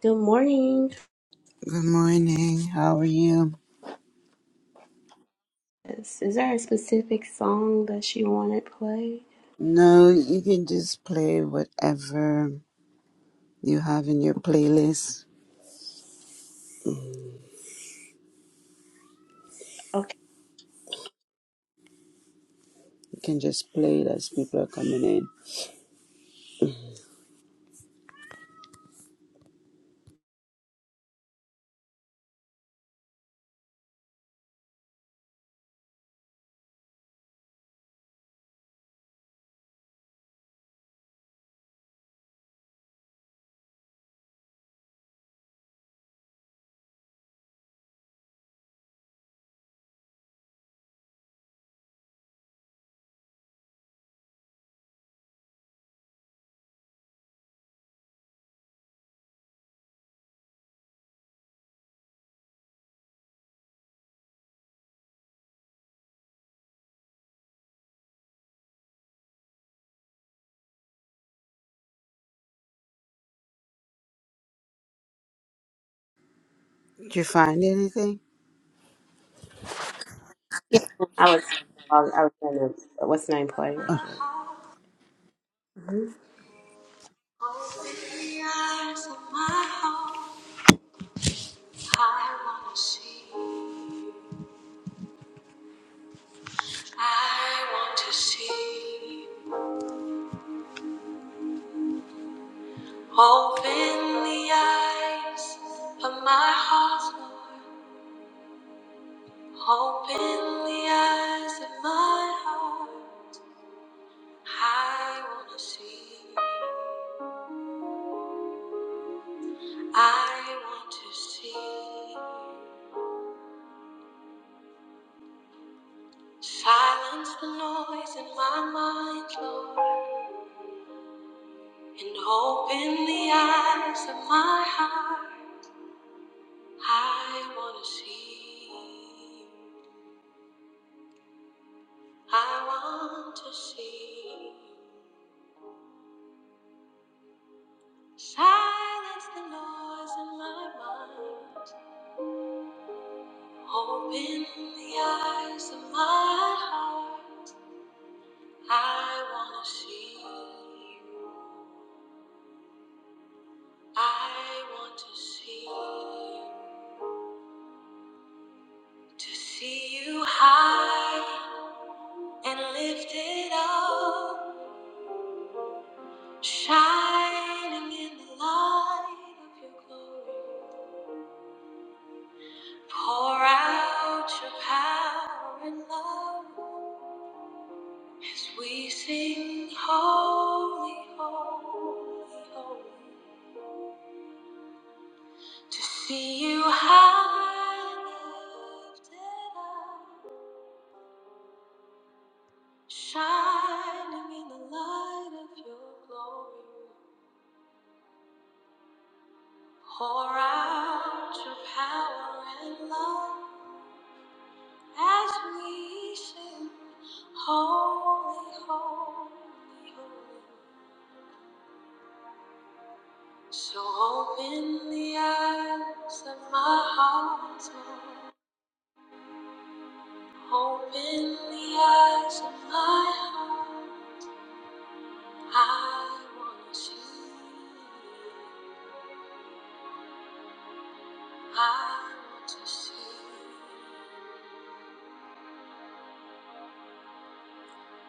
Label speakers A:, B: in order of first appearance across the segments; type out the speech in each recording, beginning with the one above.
A: Good morning.
B: Good morning. How are you?
A: Is, is there a specific song that you want it played?
B: No, you can just play whatever you have in your playlist.
A: Okay.
B: You can just play it as people are coming in. Did you find anything?
A: Yeah. I was. I was gonna. What's the name? Play. real
B: Oh,
A: quick. Open the eyes of my heart. I want to see. I want to see. Open the eyes of my heart, Lord. Open the eyes of my heart. I want to see. I want to see. Silence the noise in my mind, Lord, and open the eyes of my heart. I want to see. I want to see. Silence the noise in my mind. Open the eyes of my heart. I want to see. I want to see. To see you high and lifted up, shining in the light of your glory. Pour out your power and love as we sing, Holy, Holy, Holy. To see you high and lifted up, shining in the light of your glory. Pour out your power and love as we sing, Holy, Holy, Holy. So open the eyes of my heart, Lord. Open the eyes of my heart. I want to see. you. I want to see. you.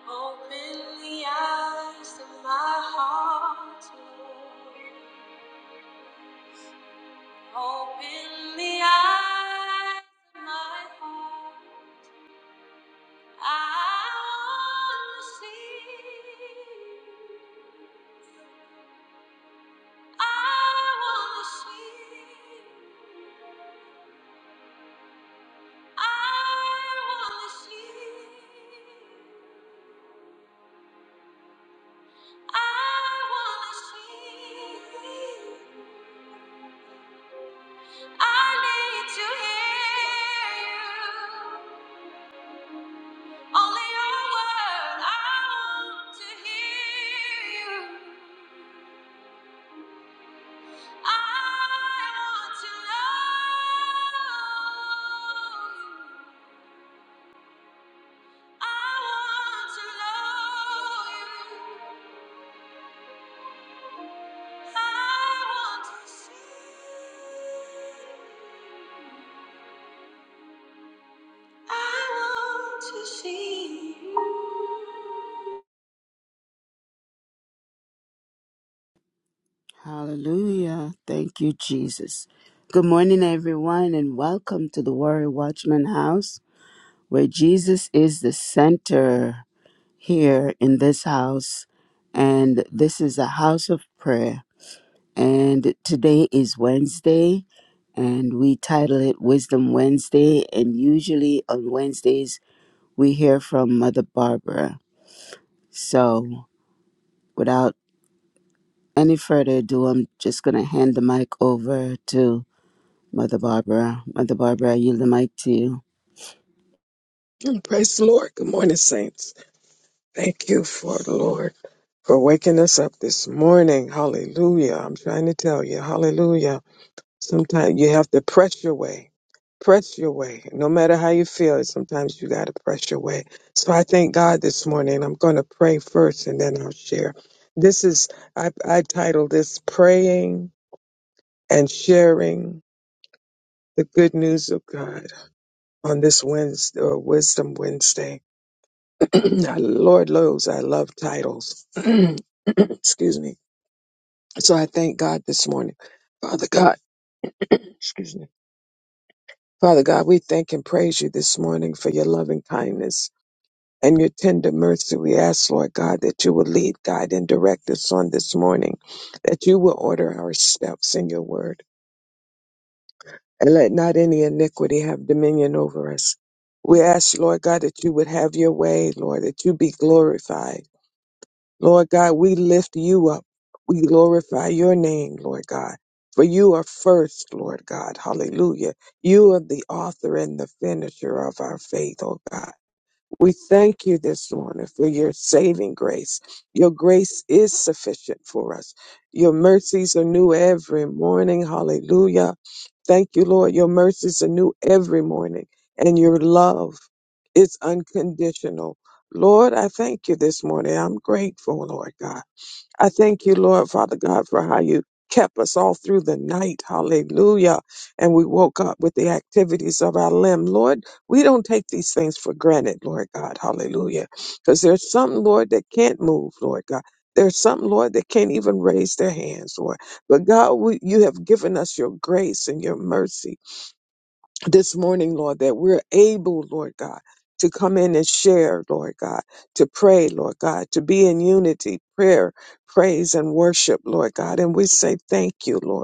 A: Open the eyes of my heart, Lord. Open the eyes of my heart. I want to see. I want to see. I want to see. I want to see. I need to hear you. Only your word. I want to hear you. I want to know you. I want to know you. I want to see. you. I want to see. you.
B: hallelujah. Thank you, Jesus. Good morning, everyone, and welcome to the Warrior Watchman House, where Jesus is the center here in this house. And this is a house of prayer and today is Wednesday, and we title it Wisdom Wednesday. And usually on Wednesdays, we hear from Mother Barbara. So, without any further ado, I'm just going to hand the mic over to Mother Barbara. Mother Barbara, I yield the mic to you.
C: Praise the Lord. Good morning, saints. Thank you for the Lord for waking us up this morning. Hallelujah. I'm trying to tell you, hallelujah. Sometimes you have to press your way. Press your way. No matter how you feel, sometimes you got to press your way. So I thank God this morning. I'm going to pray first and then I'll share. This is, I, I titled this Praying and Sharing the Good News of God on this Wednesday or Wisdom Wednesday. I- Lord knows I love titles. excuse me. So I thank God this morning. Father God, excuse me. Father God, we thank and praise you this morning for your loving kindness and your tender mercy. We ask, Lord God, that you will lead, guide, and direct us on this morning, that you will order our steps in your word, and let not any iniquity have dominion over us. We ask, Lord God, that you would have your way, Lord, that you be glorified Lord God, we lift you up. We glorify your name, Lord God. For you are first, Lord God. Hallelujah. You are the author and the finisher of our faith, oh God. We thank you this morning for your saving grace. Your grace is sufficient for us. Your mercies are new every morning. Hallelujah. Thank you, Lord. Your mercies are new every morning, and your love is unconditional. Lord, I thank you this morning. I'm grateful, Lord God. I thank you, Lord, Father God, for how you kept us all through the night. Hallelujah. And we woke up with the activities of our limb. Lord, we don't take these things for granted, Lord God. Hallelujah. Because there's some, Lord, that can't move, Lord God. There's some, Lord, that can't even raise their hands, Lord. But God, we, you have given us your grace and your mercy this morning, Lord, that we're able, Lord God, to come in and share, Lord God, to pray, Lord God, to be in unity, prayer, praise, and worship, Lord God. And we say thank you, Lord.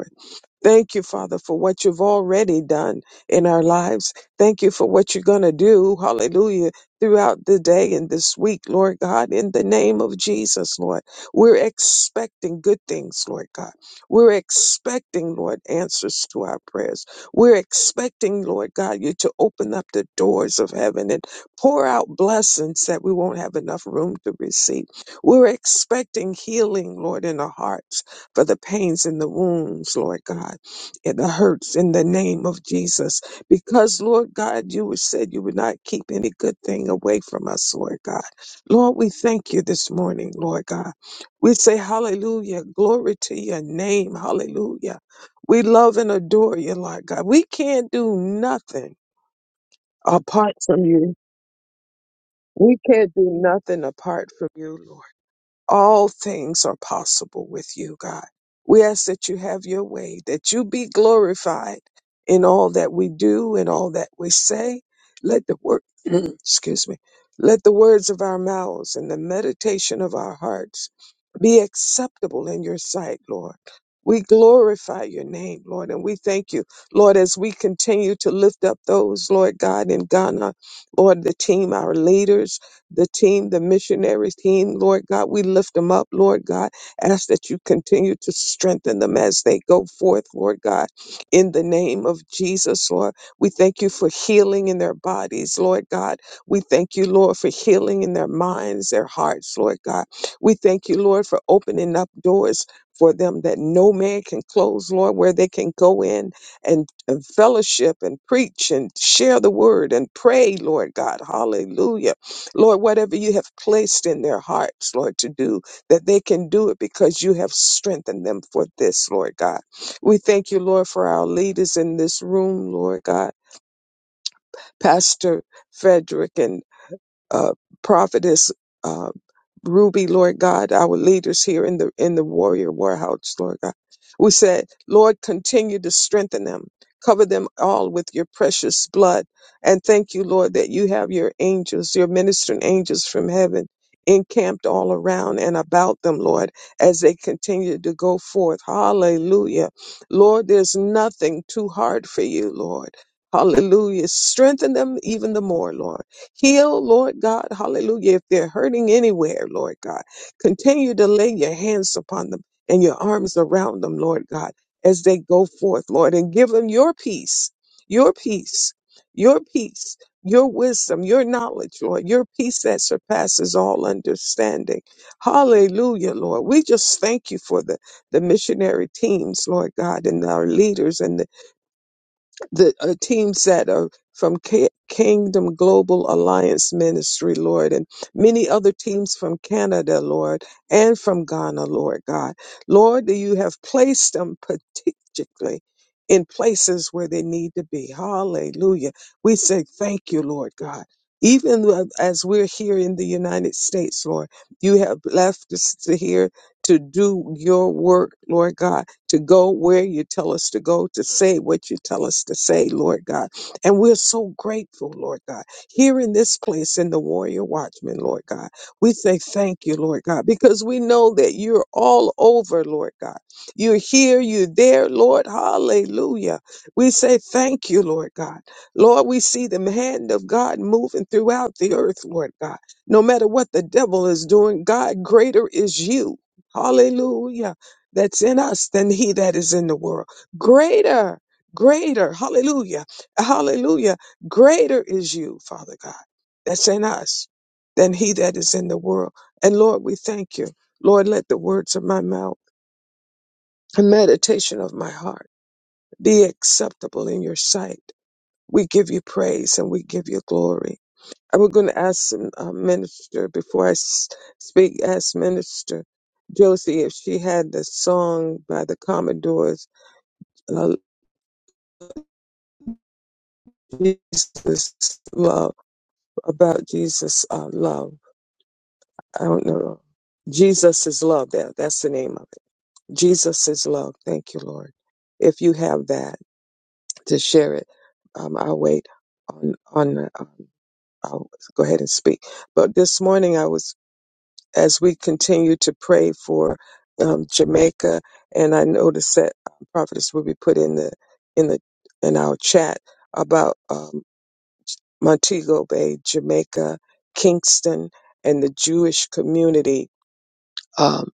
C: Thank you, Father, for what you've already done in our lives. Thank you for what you're going to do, hallelujah, throughout the day and this week, Lord God, in the name of Jesus, Lord. We're expecting good things, Lord God. We're expecting, Lord, answers to our prayers. We're expecting, Lord God, you to open up the doors of heaven and pour out blessings that we won't have enough room to receive. We're expecting healing, Lord, in our hearts for the pains and the wounds, Lord God, and the hurts in the name of Jesus. Because, Lord God, you said you would not keep any good thing away from us, Lord God. Lord, we thank you this morning, Lord God. We say hallelujah, glory to your name, hallelujah. We love and adore you, Lord God. We can't do nothing apart from you. We can't do nothing apart from you, Lord. All things are possible with you, God. We ask that you have your way, that you be glorified in all that we do and all that we say. Let the word, excuse me, let the words of our mouths and the meditation of our hearts be acceptable in your sight, Lord. We glorify your name, Lord, and we thank you, Lord, as we continue to lift up those, Lord God, in Ghana, Lord, the team, our leaders the team, the missionary team, Lord God. We lift them up, Lord God. Ask that you continue to strengthen them as they go forth, Lord God. In the name of Jesus, Lord, we thank you for healing in their bodies, Lord God. We thank you, Lord, for healing in their minds, their hearts, Lord God. We thank you, Lord, for opening up doors. For them that no man can close, Lord, where they can go in and, and fellowship and preach and share the word and pray, Lord God. Hallelujah Lord, whatever you have placed in their hearts, Lord, to do, that they can do it because you have strengthened them for this, Lord God. We thank you, Lord, for our leaders in this room, Lord God, Pastor Frederick and uh, Prophetess. uh, Ruby, Lord God, our leaders here in the in the warrior warehouse, Lord God. We said, Lord, continue to strengthen them. Cover them all with your precious blood. And thank you, Lord, that you have your angels, your ministering angels from heaven encamped all around and about them, Lord, as they continue to go forth. Hallelujah. Lord, there's nothing too hard for you, Lord. Hallelujah. Strengthen them even the more, Lord. Heal, Lord God, hallelujah. If they're hurting anywhere, Lord God, continue to lay your hands upon them and your arms around them, Lord God, as they go forth, Lord, and give them your peace, your peace, your peace, your wisdom, your knowledge, Lord, your peace that surpasses all understanding. Hallelujah, Lord. We just thank you for the, the missionary teams, Lord God, and our leaders and the the uh, teams that are from K- Kingdom Global Alliance Ministry, Lord, and many other teams from Canada, Lord, and from Ghana, Lord God. Lord, you have placed them particularly in places where they need to be. Hallelujah. We say thank you, Lord God. Even though- as we're here in the United States, Lord, you have left us to here to do your work, Lord God to go where you tell us to go, to say what you tell us to say, Lord God. And we're so grateful, Lord God. Here in this place in the Warrior Watchman, Lord God, we say thank you, Lord God, because we know that you're all over, Lord God. You're here, you're there, Lord. Hallelujah. We say thank you, Lord God. Lord, we see the hand of God moving throughout the earth, Lord God. No matter what the devil is doing, God, greater is you. Hallelujah that's in us than he that is in the world. Greater, greater, hallelujah, hallelujah, greater is you, Father God, that's in us than he that is in the world. And Lord, we thank you. Lord, let the words of my mouth and meditation of my heart be acceptable in your sight. We give you praise and we give you glory. And we're going to ask uh, Minister, before I s- speak, ask Minister Josie if she had the song by the Commodores uh, Jesus love about Jesus uh, love. I don't know. Jesus is love. That that's the name of it. Jesus is love. Thank you, Lord. If you have that to share it, um, I'll wait on on. the, Um, I'll go ahead and speak. But this morning I was as we continue to pray for um, Jamaica, and I noticed that uh, Prophetess Ruby put in the in the in our chat about. um, Montego Bay, Jamaica, Kingston, and the Jewish community. Um,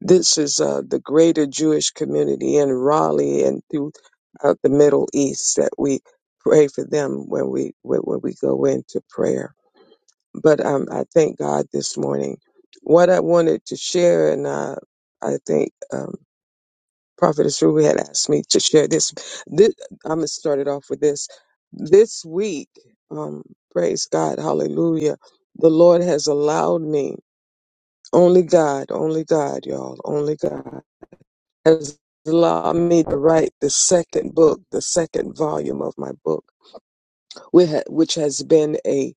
C: this is uh, the greater Jewish community in Raleigh and throughout the Middle East that we pray for them when we when, when we go into prayer. But um, I thank God this morning. What I wanted to share, and uh, I think. Um, Prophetess Ruby had asked me to share this. This I'm gonna start it off with this. This week, um, praise God, hallelujah. The Lord has allowed me, only God, only God, y'all, only God has allowed me to write the second book, the second volume of my book, which ha- which has been a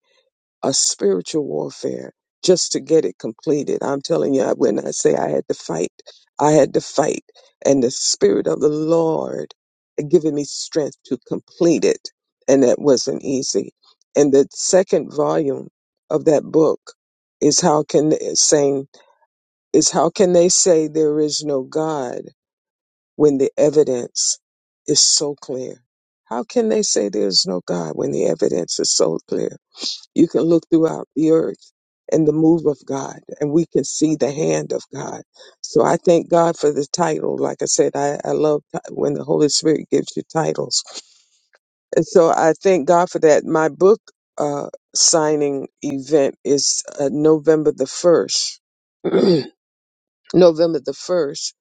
C: a spiritual warfare just to get it completed. I'm telling you, when I say I had to fight, I had to fight. And the Spirit of the Lord had given me strength to complete it. And that wasn't easy. And the second volume of that book is how can they, saying is how can they say there is no God when the evidence is so clear? How can they say there is no God when the evidence is so clear? You can look throughout the earth and the move of God, and we can see the hand of God. So I thank God for the title. Like I said, I, I love ti- when the Holy Spirit gives you titles. And so I thank God for that. My book uh, signing event is uh, November the 1st. November the 1st,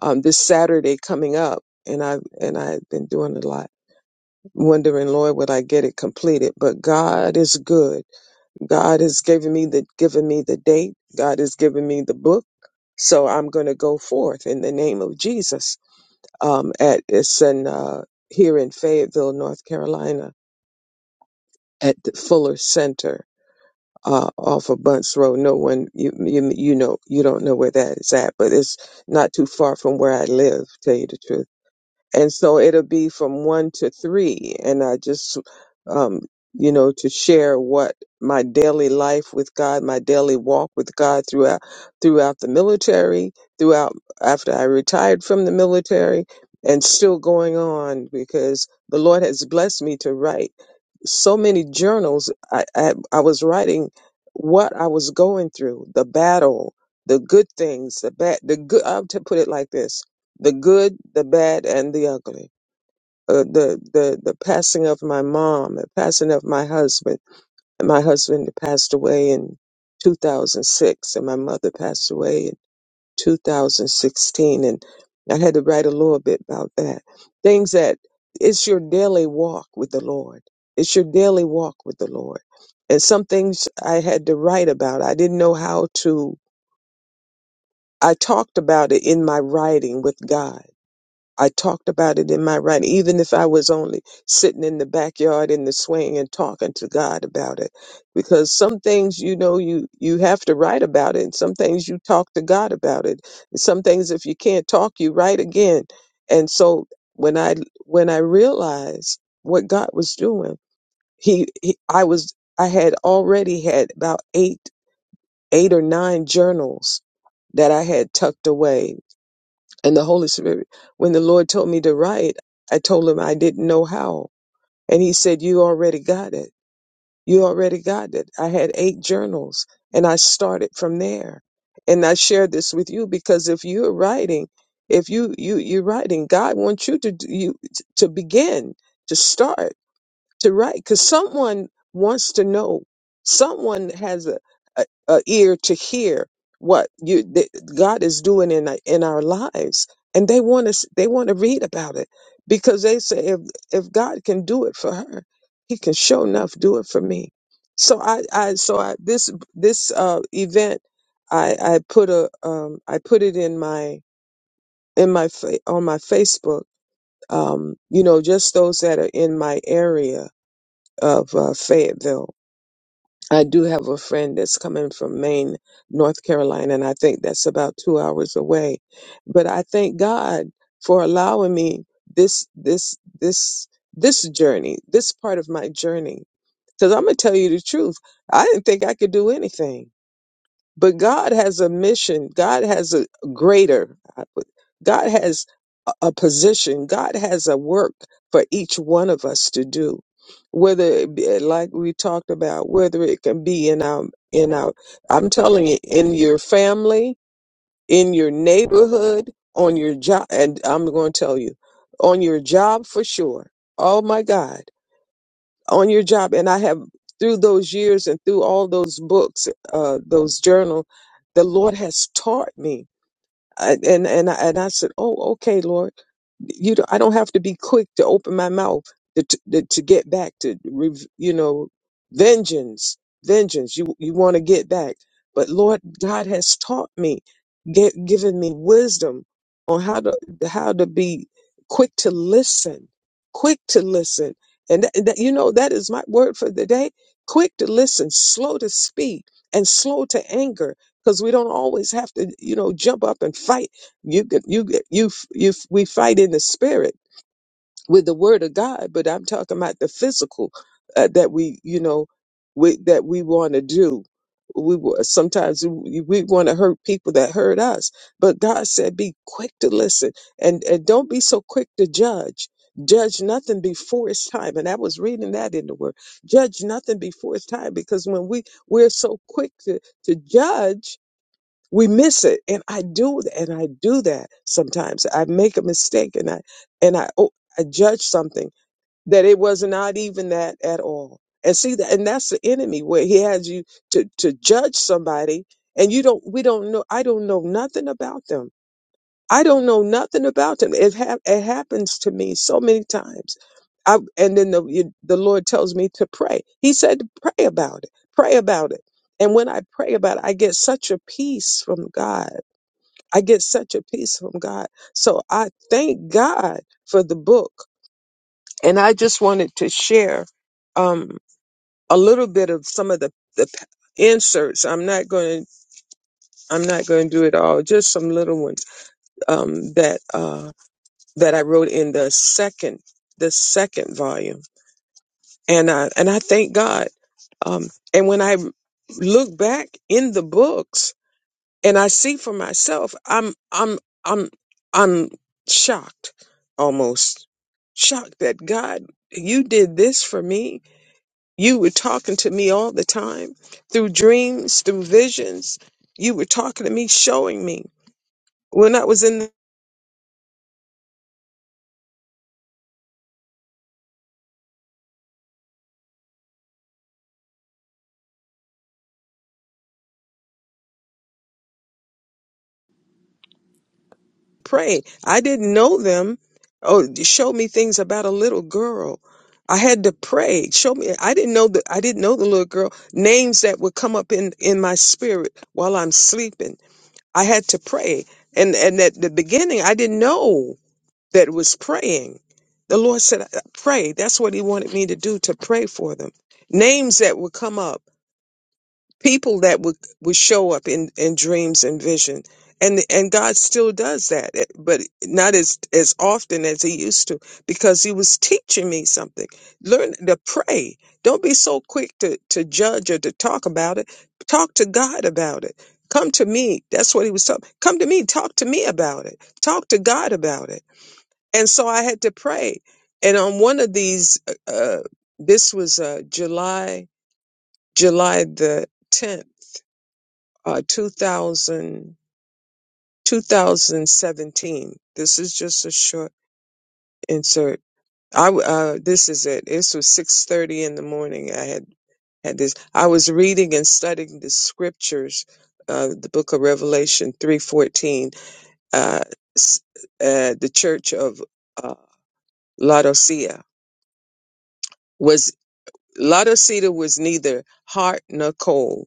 C: um, this Saturday coming up. And I and I've been doing a lot, wondering, Lord, would I get it completed? But God is good God has given me the given me the date. God has given me the book. So I'm going to go forth in the name of Jesus. Um, at it's in uh, here in Fayetteville, North Carolina, at the Fuller Center uh, off of Bunts Road. No one you, you you know you don't know where that is at, but it's not too far from where I live. Tell you the truth and so it'll be from one to three and i just um you know to share what my daily life with god my daily walk with god throughout throughout the military throughout after i retired from the military and still going on because the lord has blessed me to write so many journals I, I i was writing what i was going through the battle the good things the bad the good i have to put it like this the good, the bad, and the ugly. Uh, the the the passing of my mom, the passing of my husband. And my husband passed away in 2006, and my mother passed away in 2016. And I had to write a little bit about that. Things that it's your daily walk with the Lord. It's your daily walk with the Lord. And some things I had to write about. I didn't know how to. I talked about it in my writing with God I talked about it in my writing, even if I was only sitting in the backyard in the swing and talking to God about it. Because some things, you know, you, you have to write about it. And some things you talk to God about it. And some things, if you can't talk, you write again. And so when I, when I realized what God was doing, he, he I was, I had already had about eight, eight or nine journals that I had tucked away and the Holy Spirit. When the Lord told me to write, I told him I didn't know how. And he said, You already got it. You already got it. I had eight journals and I started from there. And I shared this with you because if you're writing, if you you you're writing, God wants you to do- you to begin to start to write because someone wants to know someone has a, a, a ear to hear what you that god is doing in our- in our lives and they want to they want to read about it because they say if if god can do it for her he can show enough do it for me so i i so i this this uh event i i put a um i put it in my in my fa- on my facebook um you know just those that are in my area of uh, Fayetteville. I do have a friend that's coming from Maine, North Carolina, and I think that's about two hours away. But I thank God for allowing me this this this this journey, this part of my journey. Because I'm gonna tell you the truth, I didn't think I could do anything. But God has a mission. God has a greater. God has a a position. God has a work for each one of us to do. Whether it be, like we talked about, whether it can be in our in our, I'm telling you, in your family, in your neighborhood, on your job, and I'm going to tell you, on your job for sure. Oh my God on your job and i have through those years and through all those books uh, those journal the lord has taught me I, and and I, and I said, "Oh, okay, Lord, you don't, I don't have to be quick to open my mouth to to, to to get back to rev- you know vengeance, vengeance. You you want to get back, but Lord God has taught me, get, given me wisdom on how to how to be quick to listen, quick to listen, and that, that you know that is my word for the day: quick to listen, slow to speak, and slow to anger." because we don't always have to, you know, jump up and fight. You could- you could- you f- you f- we fight in the spirit with the word of God, but I'm talking about the physical uh, that we, you know, we, that we want to do. We wa- sometimes we, we want to hurt people that hurt us, but God said, "Be quick to listen and and don't be so quick to judge." Judge nothing before it's time, and I was reading that in the Word. Judge nothing before it's time, because when we we're so quick to to judge, we miss it and i do and i do that sometimes i make a mistake and i and i oh, i judge something that it was not even that at all and see that and that's the enemy where he has you to to judge somebody and you don't we don't know i don't know nothing about them i don't know nothing about them it, hap it happens to me so many times I, and then the you- the lord tells me to pray he said to pray about it pray about it and when i pray about it i get such a peace from god I get such a peace from God. So I thank God for the book. And I just wanted to share um, a little bit of some of the, the inserts. I'm not going to. I'm not going to do it all. Just some little ones um, that uh, that I wrote in the second the second volume, and I and I thank God. Um, and when I look back in the books, and I see for myself, I'm I'm I'm I'm shocked almost shocked that God, you did this for me. You were talking to me all the time through dreams, through visions. You were talking to me, showing me. When I was in the pray, I didn't know them. Oh, you showed me things about a little girl. I had to pray. Show me. I didn't know the I didn't know the little girl names that would come up in in my spirit while I'm sleeping I had to pray. And and at the beginning I didn't know that it was praying. The Lord said, "Pray." That's what he wanted me to do to pray for them. Names that would come up people that would would show up in in dreams and vision and and God still does that eh, but not as as often as he used to because he was teaching me something learn to pray don't be so quick to to judge or to talk about it talk to God about it come to me that's what he was talking come to me talk to me about it talk to God about it and so I had to pray and on one of these uh uh, this was uh July July the 10th uh, 2000 2017. This is just a short insert. I w- uh, this is it. This was six thirty in the morning. I had had this. I was reading and studying the scriptures, uh, the Book of Revelation three fourteen. Uh, s- uh, the Church of uh, Laodicea was Laodicea was neither hot nor cold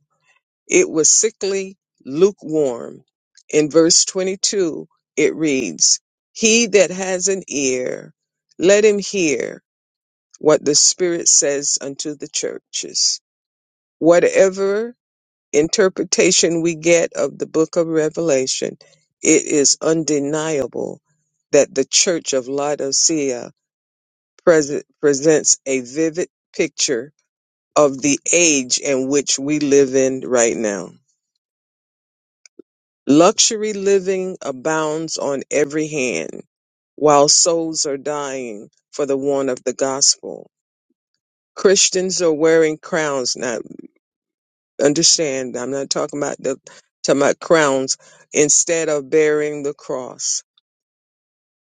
C: It was sickly, lukewarm. In verse 22, it reads, He that has an ear, let him hear what the Spirit says unto the churches. Whatever interpretation we get of the book of Revelation, it is undeniable that the church of Laodicea present, presents a vivid picture of the age in which we live in right now. Luxury living abounds on every hand, while souls are dying for the want of the gospel. Christians are wearing crowns. Now, understand, I'm not talking about the talking about crowns. Instead of bearing the cross,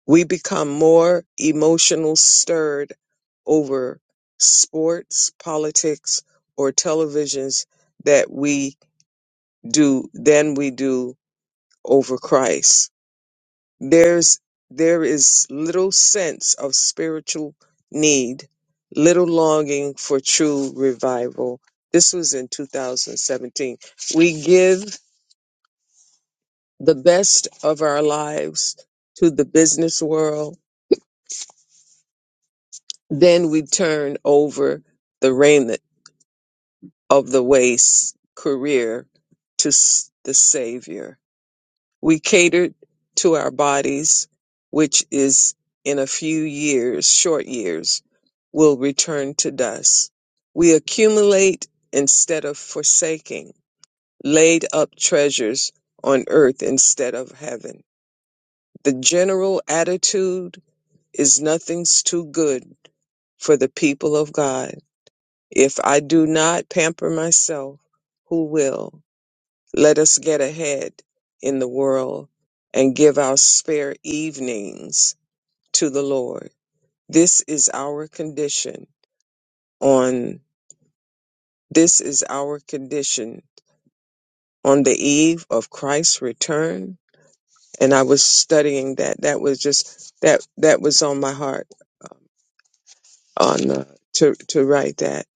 C: we become more emotional stirred over sports, politics, or televisions that we do than we do over Christ There's there is little sense of spiritual need, little longing for true revival. This was in 2017. We give the best of our lives to the business world, then we turn over the raiment of the waist career to s- the Savior We catered to our bodies, which is in a few years, short years, will return to dust. We accumulate instead of forsaking, laid up treasures on earth instead of heaven. The general attitude is nothing's too good for the people of God. If I do not pamper myself, who will? Let us get ahead in the world and give our spare evenings to the Lord. This is our condition on this is our condition on the eve of Christ's return. And I was studying that. That was just that that was on my heart on uh, to to write that.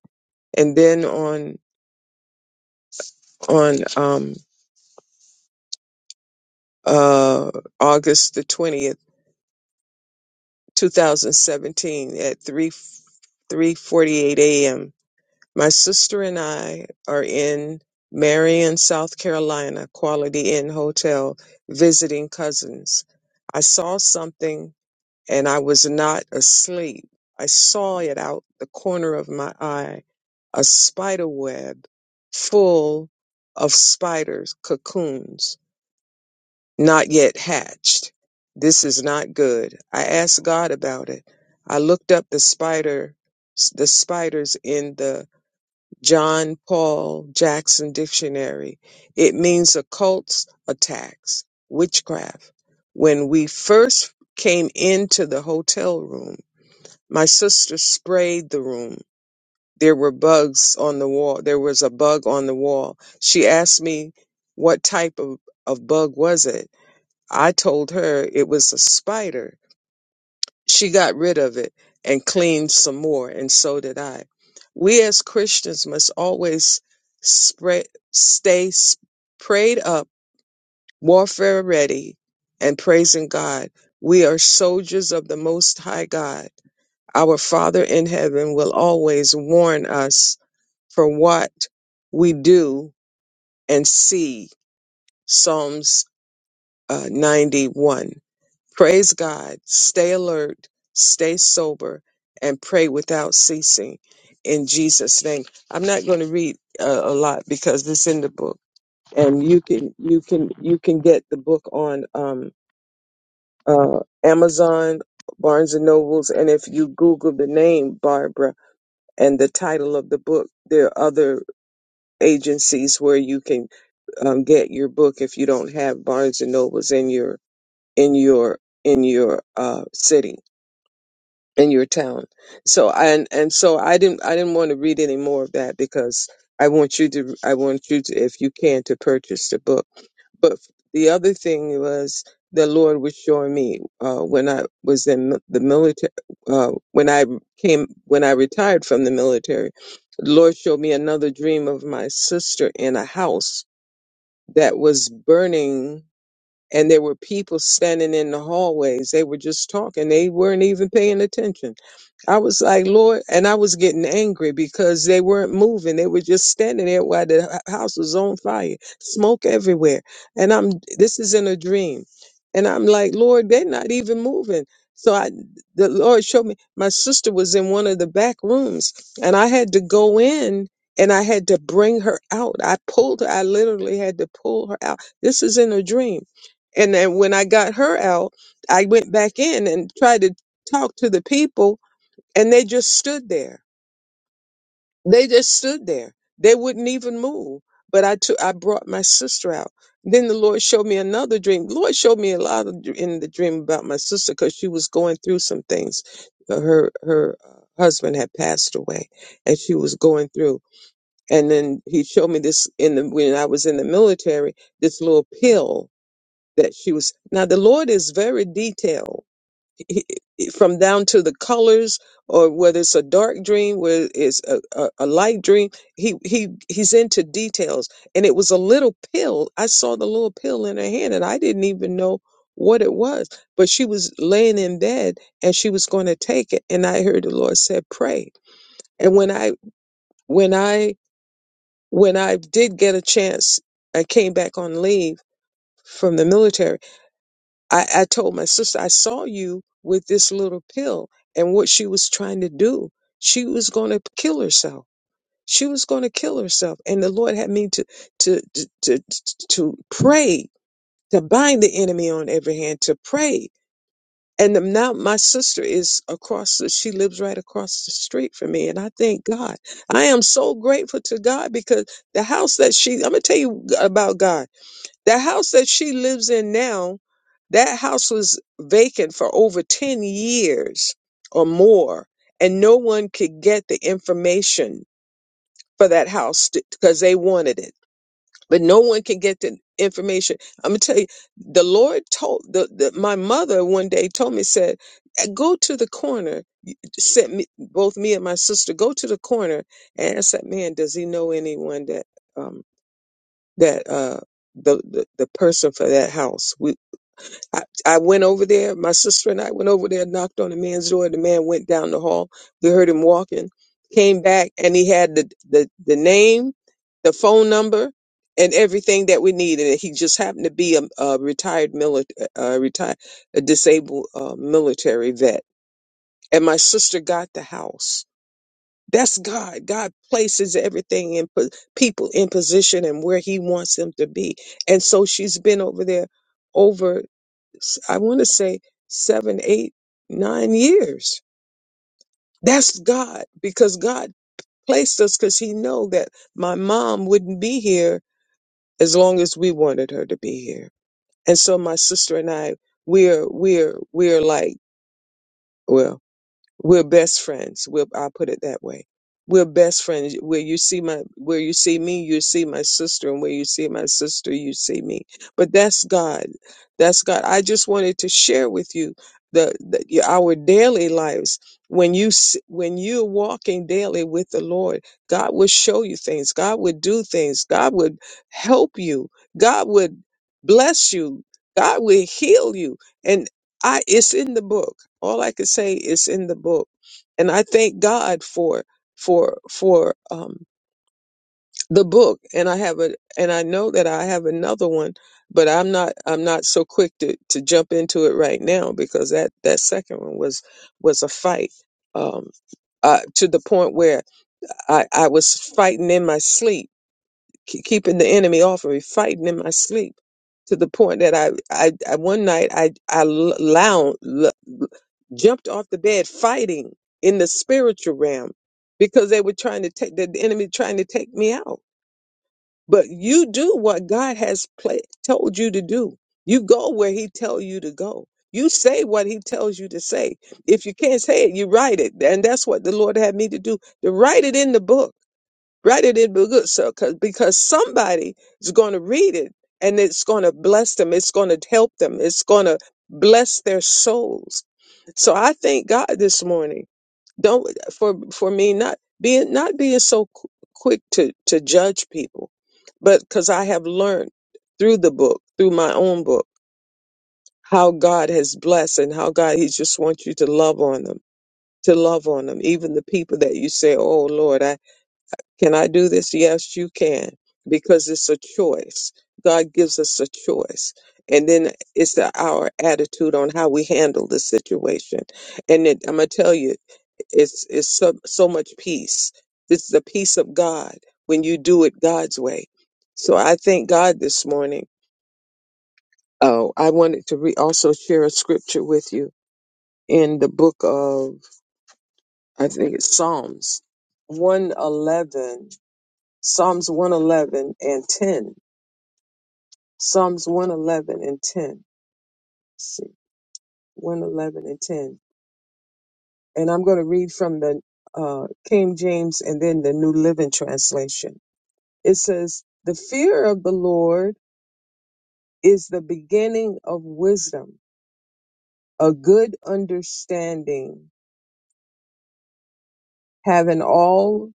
C: And then on on um uh August the 20th 2017 at 3 3:48 a.m. My sister and I are in Marion, South Carolina, Quality Inn Hotel visiting cousins. I saw something and I was not asleep. I saw it out the corner of my eye, a spider web full of spiders, cocoons not yet hatched. This is not good. I asked God about it. I looked up the spider, the spiders in the John Paul Jackson dictionary. It means occults, attacks, witchcraft. When we first came into the hotel room, my sister sprayed the room. There were bugs on the wall. There was a bug on the wall. She asked me what type of, of bug was it? I told her it was a spider. She got rid of it and cleaned some more, and so did I. We as Christians must always spread, stay s- prayed up, warfare ready, and praising God. We are soldiers of the Most High God. Our Father in heaven will always warn us for what we do and see. Psalms uh, 91. Praise God, stay alert, stay sober, and pray without ceasing in Jesus' name. I'm not going to read uh, a lot because it's in the book, and you can you can you can get the book on um, uh, Amazon, Barnes and Nobles, and if you Google the name Barbara and the title of the book, there are other agencies where you can um, get your book if you don't have Barnes and Nobles in your in your in your uh, city in your town. So and and so I didn't I didn't want to read any more of that because I want you to I want you to if you can to purchase the book. But the other thing was the Lord was showing me uh, when I was in the military uh, when I came when I retired from the military. The Lord showed me another dream of my sister in a house that was burning and there were people standing in the hallways. They were just talking. They weren't even paying attention. I was like, Lord, and I was getting angry because they weren't moving. They were just standing there while the h- house was on fire, smoke everywhere. And I'm, this is in a dream. And I'm like, Lord, they're not even moving. So I, the Lord showed me my sister was in one of the back rooms and I had to go in and I had to bring her out. I pulled her. I literally had to pull her out. This is in a dream and then when I got her out, I went back in and tried to talk to the people, and they just stood there. They just stood there. They wouldn't even move. But I took, I brought my sister out. Then the Lord showed me another dream. Lord showed me a lot of, dr- in the dream about my sister because she was going through some things. Uh, Her her uh, husband had passed away, and she was going through. And then He showed me this in the when I was in the military. This little pill that she was now the lord is very detailed He- he- from down to the colors or whether it's a dark dream whether it's a, a, a light dream he he he's into details and it was a little pill i saw the little pill in her hand and i didn't even know what it was but she was laying in bed and she was going to take it and i heard the lord said pray and when i when i when i did get a chance i came back on leave from the military I, I told my sister, I saw you with this little pill and what she was trying to do. She was going to kill herself. She was going to kill herself. And the Lord had me to, to, to, to, to pray, to bind the enemy on every hand, to pray. And now my sister is across the, she lives right across the street from me. And I thank God. I am so grateful to God because the house that she, I'm going to tell you about God. The house that she lives in now, that house was vacant for over 10 years or more, and no one could get the information for that house because they wanted it. But no one could get the information. I'm gonna tell you, the Lord told the, the my mother one day told me said, "Eh, "Go to the corner." Sent me both me and my sister go to the corner, and I said, "Man, does he know anyone that um that uh the, the the person for that house. I, I went over there. My sister and I went over there, knocked on the man's door. The man went down the hall. We heard him walking, came back, and he had the, the, the name, the phone number, and everything that we needed. He just happened to be a, a retired military, uh, retired, a disabled uh, military vet. And my sister got the house. That's God. God places everything in po- people in position and where He wants them to be. And so she's been over there over I want to say seven, eight, nine years. That's God because God placed us because He know that my mom wouldn't be here as long as we wanted her to be here. And so my sister and I, we're we're we're like well. We're best friends. We'll, I'll put it that way. We're best friends. Where you see my, where you see me, you see my sister, and where you see my sister, you see me. But that's God. That's God. I just wanted to share with you the, the your- our daily lives. When you s- when you're walking daily with the Lord, God will show you things. God would do things. God would help you. God would bless you. God will heal you I it's in the book. All I could say is in the book, and I thank God for for for um, the book. And I have a and I know that I have another one, but I'm not I'm not so quick to to jump into it right now because that that second one was was a fight. Um, uh, to the point where I, I was fighting in my sleep, ke- keeping the enemy off of me, fighting in my sleep. To the point that I, I, I one night I, I lounge jumped off the bed fighting in the spiritual realm because they were trying to take the enemy trying to take me out but you do what god has pla told you to do you go where he tells you to go you say what he tells you to say if you can't say it you write it and that's what the lord had me to do to write it in the book Write it in good so cause, because somebody is going to read it and it's going to bless them. It's going to help them. It's going to bless their souls. So I thank God this morning. Don't for for me not being not being so qu- quick to to judge people, but because I have learned through the book, through my own book, how God has blessed and how God He just wants you to love on them, to love on them, even the people that you say, "Oh Lord, I." Can I do this? Yes, you can, because it's a choice. God gives us a choice. And then it's the, our attitude on how we handle the situation. And it, I'm going to tell you, it's, it's so, so much peace. It's the peace of God when you do it God's way. So I thank God this morning. Oh, I wanted to re- also share a scripture with you in the book of, I think it's Psalms 111, Psalms 111 and 10 Psalms 111 and 10. Let's see, 111 and 10. And I'm going to read from the uh, King James and then the New Living Translation. It says, The fear of the Lord is the beginning of wisdom, a good understanding, having all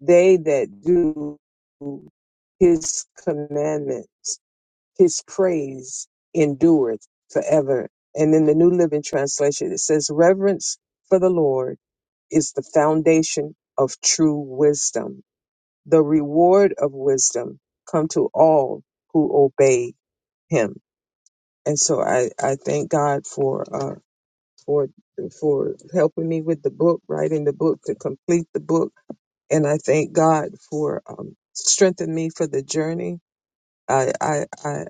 C: they that do his commandments, his praise endureth forever. And in the New Living Translation, it says, Reverence for the Lord is the foundation of true wisdom. The reward of wisdom come to all who obey him. And so I, I thank God for uh for for helping me with the book, writing the book to complete the book. And I thank God for um strengthening me for the journey. I I I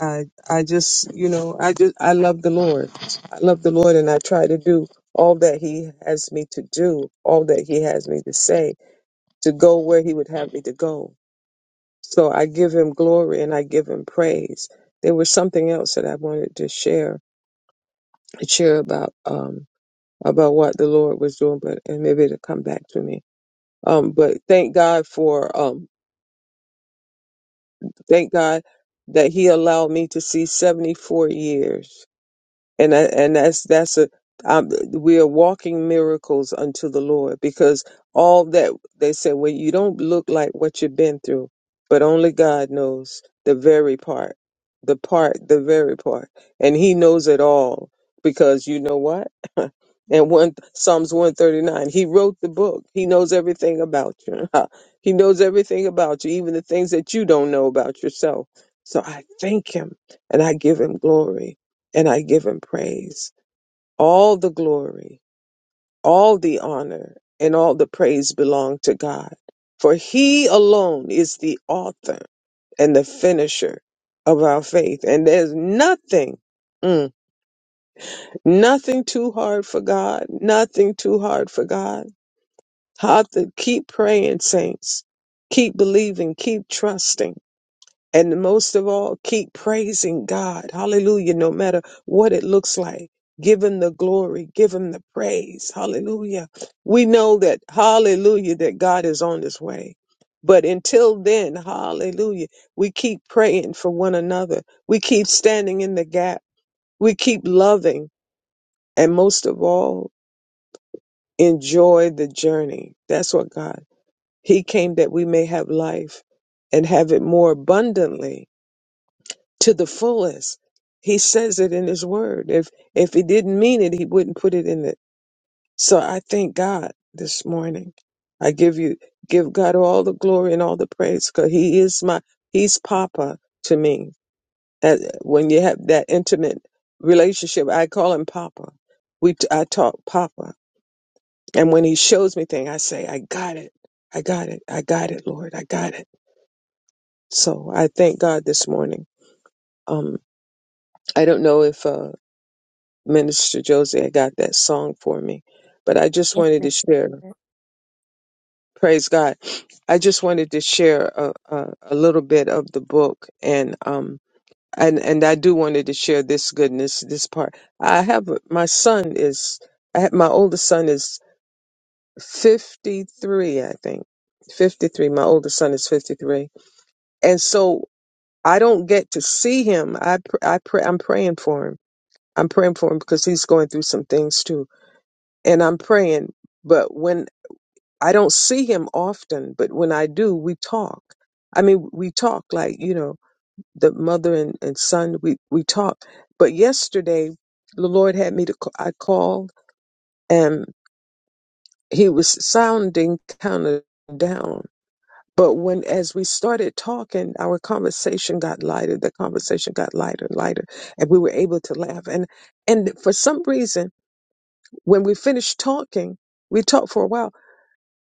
C: I I just you know I just I love the Lord. I love the Lord and I try to do all that he has me to do, all that he has me to say to go where he would have me to go. So I give him glory and I give him praise. There was something else that I wanted to share, share about um about what the Lord was doing, but and maybe it'll come back to me. Um, but thank God for um thank God that He allowed me to see seventy four years and that, and that's that's a um, we are walking miracles unto the Lord because all that they said, well, you don't look like what you've been through, but only God knows the very part, the part, the very part, and He knows it all because you know what? and one Psalms one thirty nine, He wrote the book. He knows everything about you. he knows everything about you, even the things that you don't know about yourself. So I thank Him and I give Him glory and I give him praise. All the glory, all the honor, and all the praise belong to God. For he alone is the author and the finisher of our faith. And there's nothing, mm, nothing too hard for God, nothing too hard for God. Have to keep praying, saints. Keep believing, keep trusting And most of all, keep praising God. Hallelujah. No matter what it looks like, give him the glory, give him the praise. Hallelujah. We know that, hallelujah, that God is on his way. But until then, hallelujah, we keep praying for one another. We keep standing in the gap. We keep loving. And most of all, enjoy the journey. That's what God, he came that we may have life and have it more abundantly to the fullest. He says it in his word. If if he didn't mean it, he wouldn't put it in it. So I thank God this morning. I give you give God all the glory and all the praise because he is my he's papa to me. That when you have that intimate relationship, I call him papa. We I talk papa. And when he shows me things, I say, I got it. I got it. I got it, Lord. I got it. So I thank God this morning. Um I don't know if uh Minister Josie had got that song for me. But I just wanted to share, praise God. I just wanted to share a, a, a little bit of the book and um and and I do wanted to share this goodness, this part. I have my son is I have, my oldest son is 53, I think. 53. My oldest son is 53. And so I don't get to see him. I pr- I pray I'm praying for him. I'm praying for him because he's going through some things too and I'm praying. But when I don't see him often, but when I do, we talk. I mean, we talk like, you know, the mother and, and son, we, we talk. But yesterday, the Lord had me to, ca- I called and he was sounding kind of down. But when, as we started talking, our conversation got lighter. The conversation got lighter and lighter, and we were able to laugh. And, and for some reason, when we finished talking, we talked for a while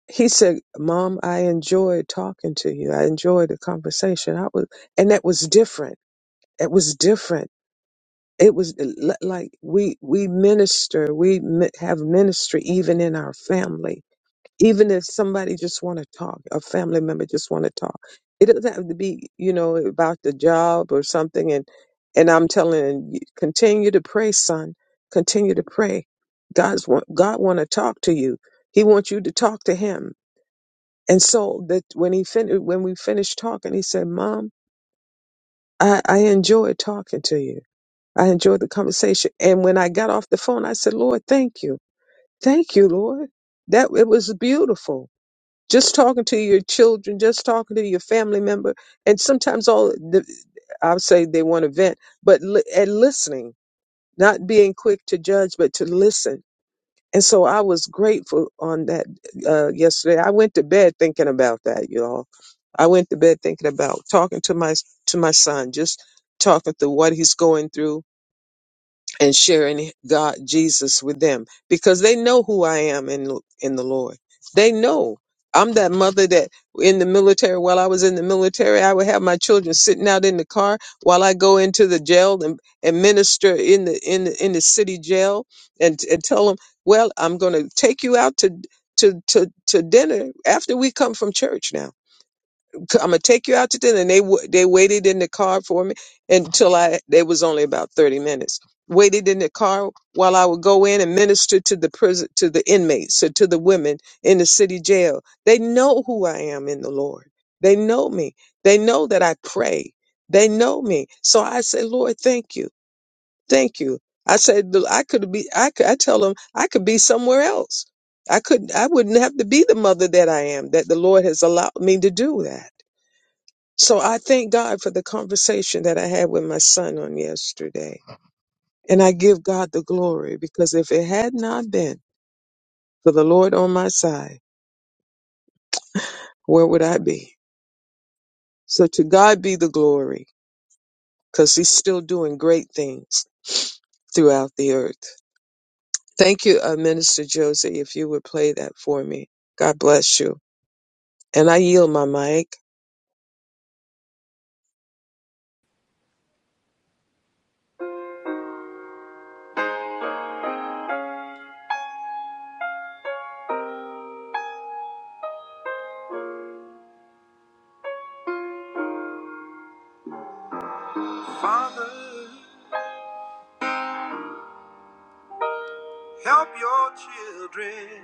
C: he said, "Mom, I enjoyed talking to you. I enjoyed the conversation. I was, and that was different. It was different. It was li- like we we minister. We mi- have ministry even in our family. Even if somebody just want to talk, a family member just want to talk. It doesn't have to be, you know, about the job or something. And and I'm telling you, continue to pray, son. Continue to pray. God's want God want to talk to you. He wants you to talk to Him. And so that when he fin- when we finished talking, he said, "Mom, I, I enjoyed talking to you. I enjoyed the conversation." And when I got off the phone, I said, "Lord, thank you, thank you, Lord. That it was beautiful. Just talking to your children, just talking to your family member, and sometimes all the, I'll say they want to vent, but li- and listening, not being quick to judge, but to listen." And so I was grateful on that uh, yesterday. I went to bed thinking about that, y'all. I went to bed thinking about talking to my to my son, just talking through what he's going through, and sharing God Jesus with them because they know who I am in in the Lord. They know I'm that mother that in the military while I was in the military I would have my children sitting out in the car while I go into the jail and, and minister in the in the, in the city jail and and tell them, "Well, I'm going to take you out to to to to dinner after we come from church now." I'm gonna take you out to dinner. And they wa- they waited in the car for me until I. They was only about thirty minutes. Waited in the car while I would go in and minister to the prison to the inmates or to the women in the city jail. They know who I am in the Lord. They know me. They know that I pray. They know me. So I say, Lord, thank you, thank you. I said "Look, I could be. I could, I tell them I could be somewhere else. I couldn't. I wouldn't have to be the mother that I am. That the Lord has allowed me to do that. So I thank God for the conversation that I had with my son on yesterday. And I give God the glory because if it had not been for the Lord on my side, where would I be? So to God be the glory because he's still doing great things throughout the earth. Thank you, uh, Minister Josie, if you would play that for me. God bless you. And I yield my mic.
A: Father, help your children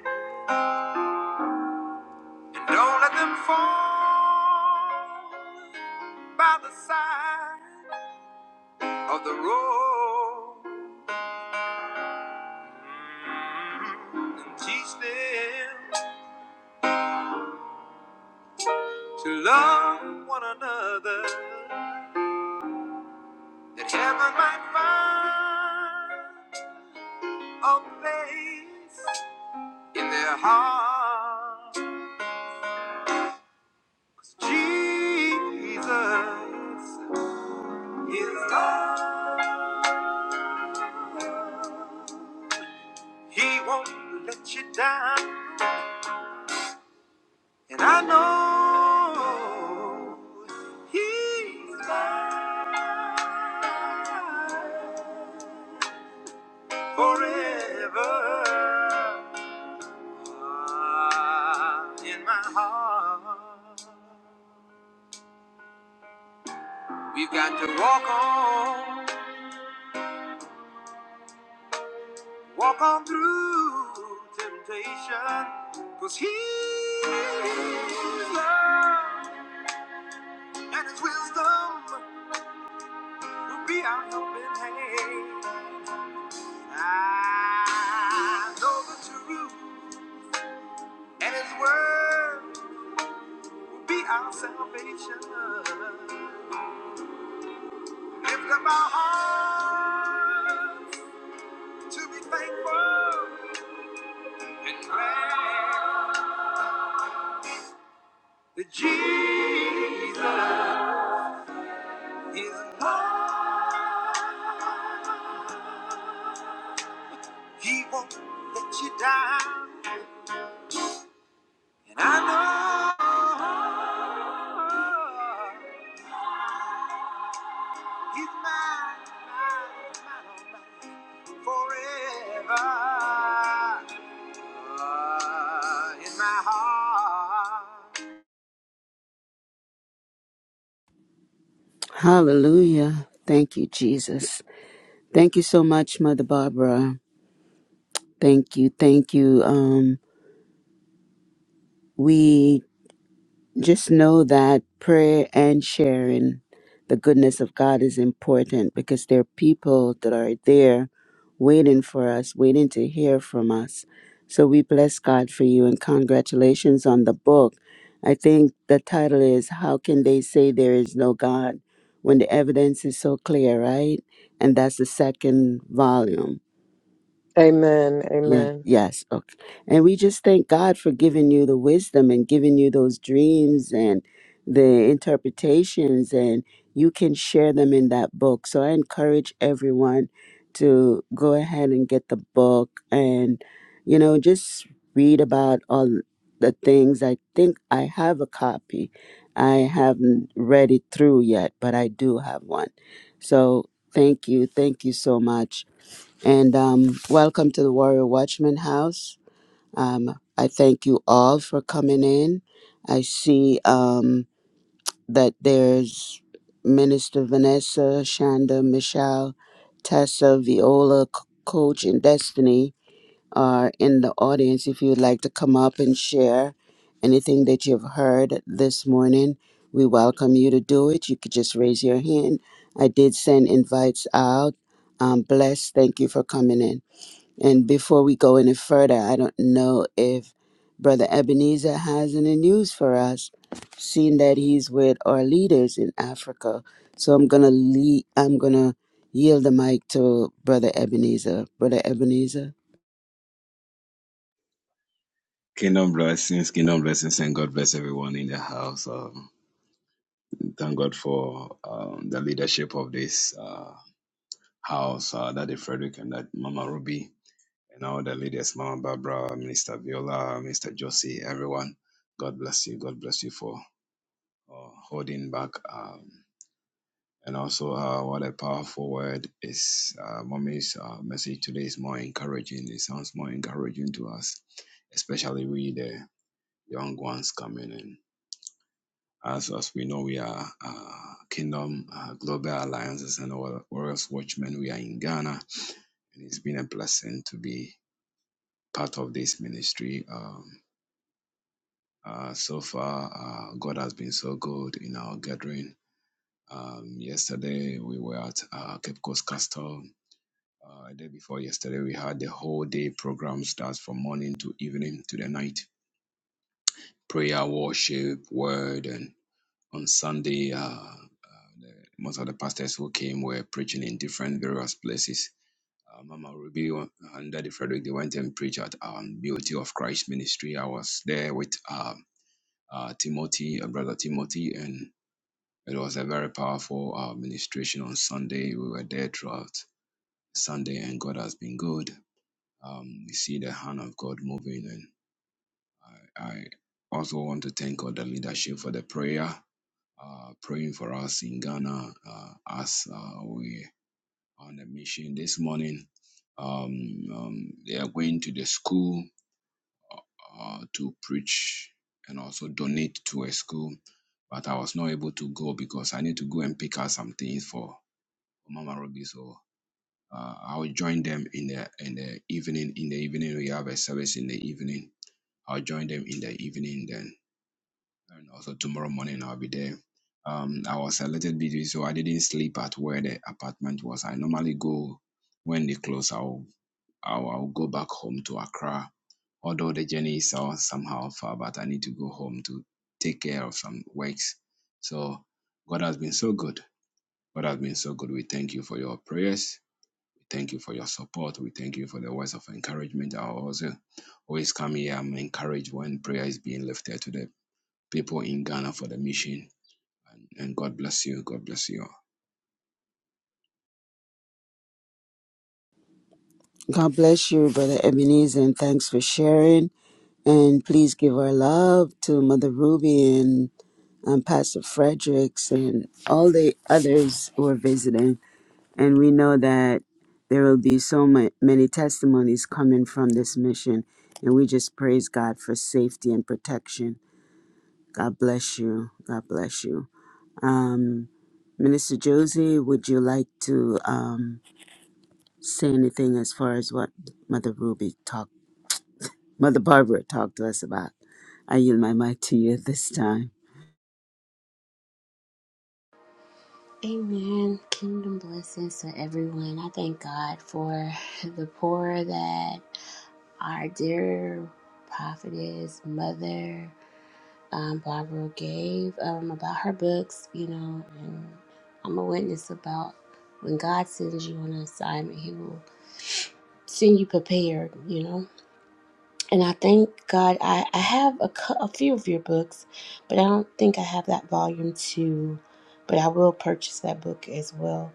A: and don't let them fall. by the side of the road Mm, and teach them to love one another that heaven might find a place in their hearts. Jesus is love. He won't let you down. And I know he's mine forever in my heart. We've got to walk on, walk on through temptation, cause he's love and his wisdom will be our helping hand. I know the truth, and His word will be our salvation. Lift up our hearts to be thankful and glad that Jesus is Lord. He won't let you down, and I know He's mine, mine, mine, oh mine.
B: Hallelujah. Thank you, Jesus. Thank you so much, Mother Barbara. Thank you. Thank you. Um, we Just know that prayer and sharing the goodness of God is important because there are people that are there waiting for us, waiting to hear from us. So we bless God for you and congratulations on the book. I think the title is How Can They Say There Is No God When the Evidence is So Clear, right? And that's the second volume.
C: Amen.
B: Yeah,
C: Amen.
B: yes. Okay. And we just thank God for giving you the wisdom and giving you those dreams and the interpretations, and you can share them in that book. So I encourage everyone to go ahead and get the book and, you know, just read about all the things. I think I have a copy. I haven't read it through yet, but I do have one. So thank you. Thank you so much and um, welcome to the Warrior Watchman House. Um, I thank you all for coming in. I see um, that there's Minister Vanessa, Shonda, Michelle, Tessa, Viola, C- Coach, and Destiny are in the audience. If you'd like to come up and share anything that you've heard this morning, we welcome you to do it. You could just raise your hand. I did send invites out. Um, bless. Thank you for coming in. And before we go any further, I don't know if Brother Ebenezer has any news for us, seeing that he's with our leaders in Africa. So I'm gonna lead, I'm gonna yield the mic to Brother Ebenezer. Brother Ebenezer,
D: Kingdom blessings, kingdom blessings, and God bless everyone in the house. Um, thank God for um, the leadership of this uh, house, uh, Daddy Frederick and that Mama Ruby, and all the leaders, Mama Barbara, Minister Viola, Mr. Josie, everyone. God bless you. God bless you for uh, holding back. Um, and also, uh, what a powerful word is. Uh, Mommy's uh, message today is more encouraging. It sounds more encouraging to us, especially we, the young ones coming in. As, as we know, we are uh, Kingdom uh, Global Alliances and our Warriors Watchmen. We are in Ghana, and it's been a blessing to be part of this ministry. Um, uh, so far, uh, God has been so good in our gathering. Um, yesterday, we were at uh, Cape Coast Castle. Uh, the day before yesterday, we had the whole day program starts from morning to evening to the night. Prayer, worship, word, and. on Sunday, uh, uh, the- most of the pastors who came were preaching in different various places. Uh, Mama Ruby and Daddy Frederick, they went and preached at um, Beauty of Christ Ministry. I was there with um, uh, Timothy, uh, Brother Timothy, and it was a very powerful uh, ministration on Sunday. We were there throughout Sunday, and God has been good. Um, we see the hand of God moving, and I, I also want to thank all the leadership for the prayer uh, praying for us in Ghana uh, as uh, we on a mission this morning. Um, um, they are going to the school uh, to preach and also donate to a school, but I was not able to go because I need to go and pick out some things for Mama Ruby. So uh, I'll join them in the in the evening. In the evening, we have a service in the evening. I'll join them in the evening then And also tomorrow morning I'll be there. Um, I was a little busy, so I didn't sleep at where the apartment was. I normally go when they close. I'll I'll, I'll go back home to Accra. Although the journey is all somehow far, but I need to go home to take care of some works. So God has been so good. God has been so good. We thank you for your prayers. We thank you for your support. We thank you for the words of encouragement. I also always come here. I'm encouraged when prayer is being lifted today people in Ghana for the mission. And and God bless you. God bless you. all.
B: God bless you, Brother Ebenezer, and thanks for sharing. And please give our love to Mother Ruby and um, Pastor Fredericks and all the others who are visiting. And we know that there will be so ma- many testimonies coming from this mission. And we just praise God for safety and protection. God bless you. God bless you. Um, Minister Josie, would you like to um, say anything as far as what Mother Ruby talked, Mother Barbara talked to us about? I yield my mic to you this time.
A: Amen. Kingdom blessings to everyone. I thank God for the poor that our dear prophetess, mother, um, Barbara gave um, about her books, you know, and I'm a witness about when God sends you on an assignment, He will send you prepared, you know. And I thank God I, I have a, cou- a few of your books, but I don't think I have that volume two. But I will purchase that book as well.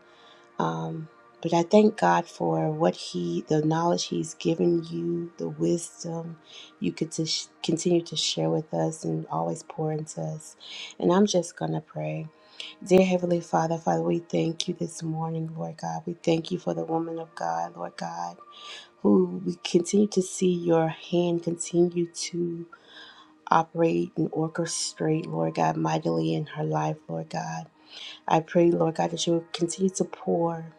A: Um, but I thank God for what He, the knowledge He's given you, the wisdom you could to sh- continue to share with us and always pour into us. And I'm just going to pray. Dear Heavenly Father, Father, we thank you this morning, Lord God. We thank you for the woman of God, Lord God who we continue to see your hand continue to operate and orchestrate, Lord God, mightily in her life, Lord God. I pray, Lord God, that you will continue to pour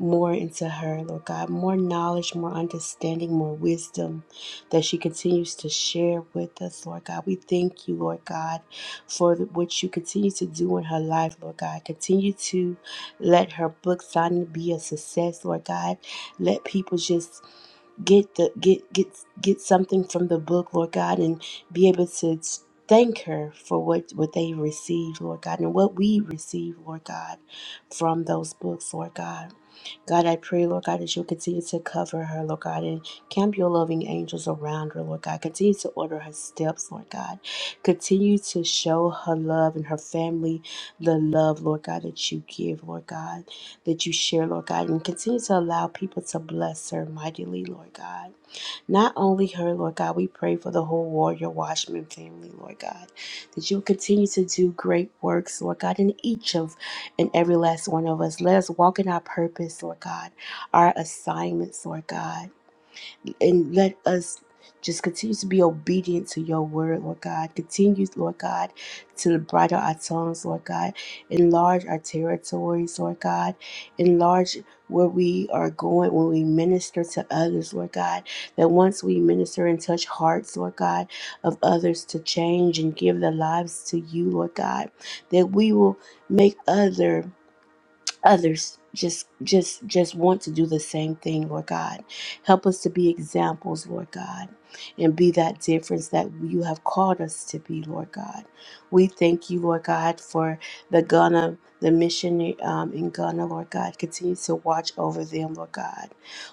A: more into her, Lord God, more knowledge, more understanding, more wisdom that she continues to share with us, Lord God. We thank you, Lord God, for the- what you continue to do in her life, Lord God. Continue to let her book signing be a success, Lord God. Let people just get the get get get something from the book, Lord God, and be able to thank her for what what they received, Lord God, and what we received, Lord God, from those books, Lord God. God, I pray, Lord God, that you'll continue to cover her, Lord God, and camp your loving angels around her, Lord God. Continue to order her steps, Lord God. Continue to show her love and her family the love, Lord God, that you give, Lord God that you share, Lord God, and continue to allow people to bless her mightily, Lord God. Not only her, Lord God, we pray for the whole Warrior Watchman family, Lord God, that you continue to do great works, Lord God, in each of and every last one of us. Let us walk in our purpose, Lord God, our assignments, Lord God and let us just continue to be obedient to your word, Lord God. Continue, Lord God, to bridle our tongues, Lord God. Enlarge our territories, Lord God. Enlarge where we are going when we minister to others, Lord God. That once we minister and touch hearts, Lord God, of others to change and give their lives to you, Lord God, that we will make other others just just just want to do the same thing lord god help us to be examples lord god and be that difference that you have called us to be lord god we thank you lord god for the ghana the mission um, in ghana lord god continue to watch over them lord god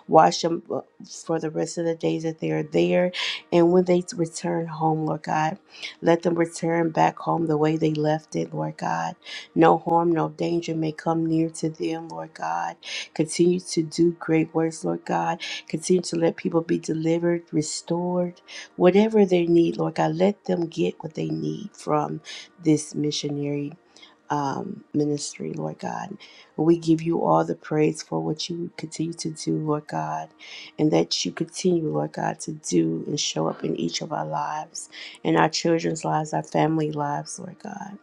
A: watch them uh, for the rest of the days that they are there and when they return home lord god let them return back home the way they left it lord god no harm, no danger may come near to them, Lord God. Continue to do great works, Lord God. Continue to let people be delivered, restored, whatever they need, Lord God. Let them get what they need from this missionary um, ministry, Lord God. We give you all the praise for what you continue to do, Lord God, and that you continue, Lord God, to do and show up in each of our lives, in our children's lives, our family lives, Lord God.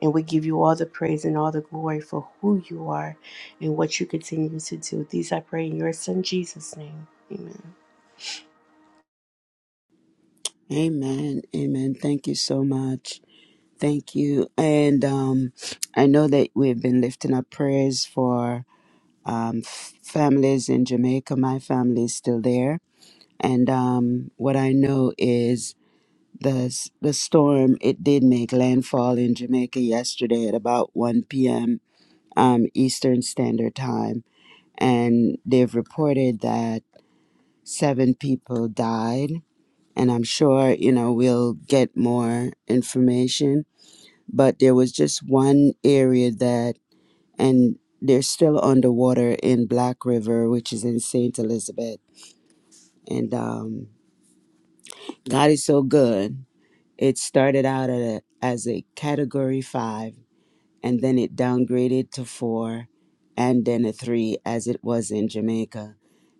A: And we give you all the praise and all the glory for who you are and what you continue to do. These I pray in your son Jesus' name. Amen.
B: Amen. Amen. Thank you so much. Thank you. And um, I know that we've been lifting up prayers for um, families in Jamaica. My family is still there, and um, what I know is the s- the storm. It did make landfall in Jamaica yesterday at about one p.m. Um, Eastern Standard Time, and they've reported that seven people died. And I'm sure you know we'll get more information. But there was just one area that and they're still underwater in Black River, which is in Saint Elizabeth. And um, God is so good. It started out at a, as a category five, and then it downgraded to four, and then a three, as it was in Jamaica.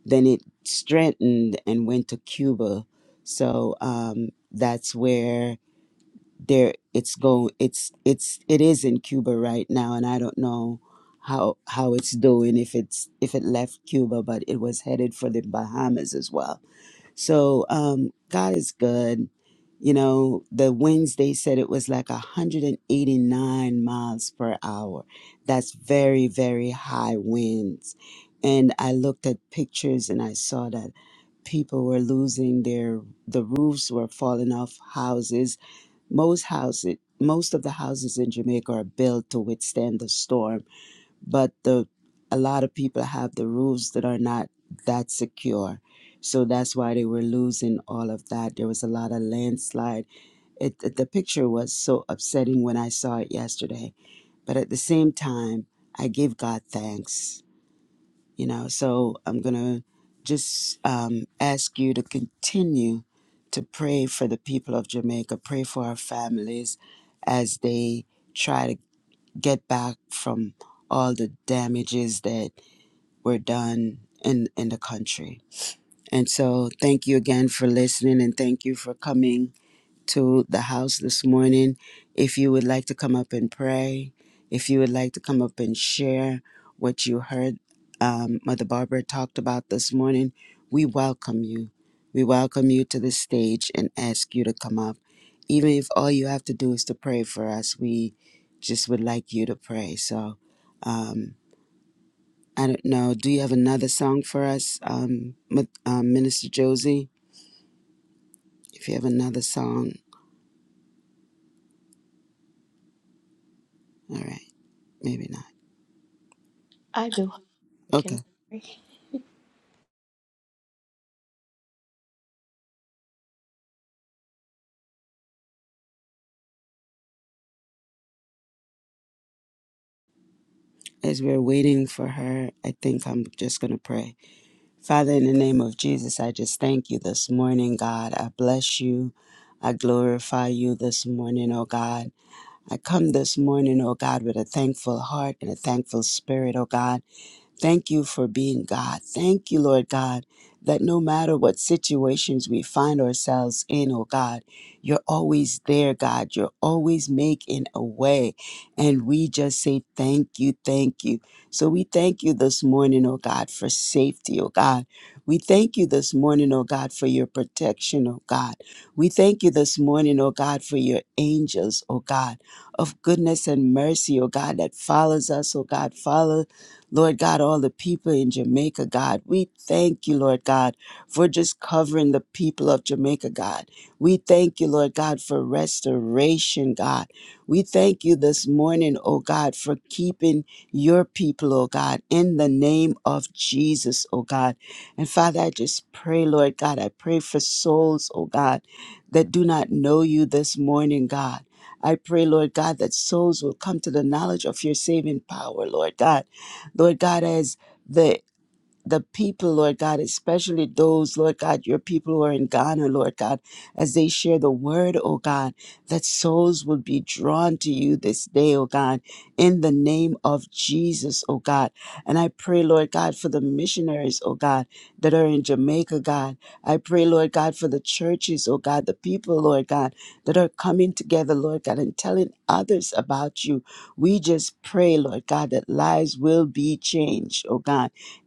B: Then it strengthened and went to Cuba. So um, that's where there it's go it's it's it is in Cuba right now and I don't know how how it's doing if it's if it left Cuba but it was headed for the Bahamas as well. So um God is good. You know, the winds they said it was like 189 miles per hour. That's very very high winds. And I looked at pictures and I saw that people were losing their the roofs were falling off houses most houses, most of the houses in Jamaica are built to withstand the storm, but the a lot of people have the roofs that are not that secure. So that's why they were losing all of that. There was a lot of landslide. It, it- the picture was so upsetting when I saw it yesterday. But at the same time, I give God thanks you know so i'm gonna just um, ask you to continue to pray for the people of jamaica pray for our families as they try to get back from all the damages that were done in in the country and so thank you again for listening and thank you for coming to the house this morning. If you would like to come up and pray, if you would like to come up and share what you heard um, Mother Barbara talked about this morning, we welcome you. We welcome you to the stage and ask you to come up. Even if all you have to do is to pray for us, we just would like you to pray. So, um, I don't know. Do you have another song for us, um, Mi- um, Minister Josie? If you have another song, all right, maybe not.
A: I do. I
B: Okay.
A: can. pray.
B: As we're waiting for her, I think I'm just going to pray. Father, in the name of Jesus, I just thank you this morning, God. I bless you. I glorify you this morning, oh God. I come this morning, oh God, with a thankful heart and a thankful spirit, oh God. Thank you for being God. Thank you, Lord God, that no matter what situations we find ourselves in, oh God, you're always there, God. You're always making a way. And we just say thank you, thank you. So we thank you this morning, oh God, for safety, oh God. We thank you this morning, oh God, for your protection, oh God. We thank you this morning, oh God, for your angels, oh God, of goodness and mercy, oh God, that follows us, oh God, follow Lord God, all the people in Jamaica, God. We thank you, Lord God, for just covering the people of Jamaica, God. We thank you, Lord God, for restoration, God. We thank you this morning, oh God, for keeping your people, oh God, in the name of Jesus, oh God. And Father, I just pray, Lord God, I pray for souls, oh God, that do not know you this morning, God. I pray, Lord God, that souls will come to the knowledge of your saving power, Lord God. Lord God, as the the people, Lord God, especially those, Lord God, your people who are in Ghana, Lord God, as they share the word, oh God, that souls will be drawn to you this day, oh God, in the name of Jesus, oh God. And I pray, Lord God, for the missionaries, oh God, that are in Jamaica, God. I pray, Lord God, for the churches, oh God, the people, Lord God, that are coming together, Lord God, and telling others about you. We just pray, Lord God, that lives will be changed, oh God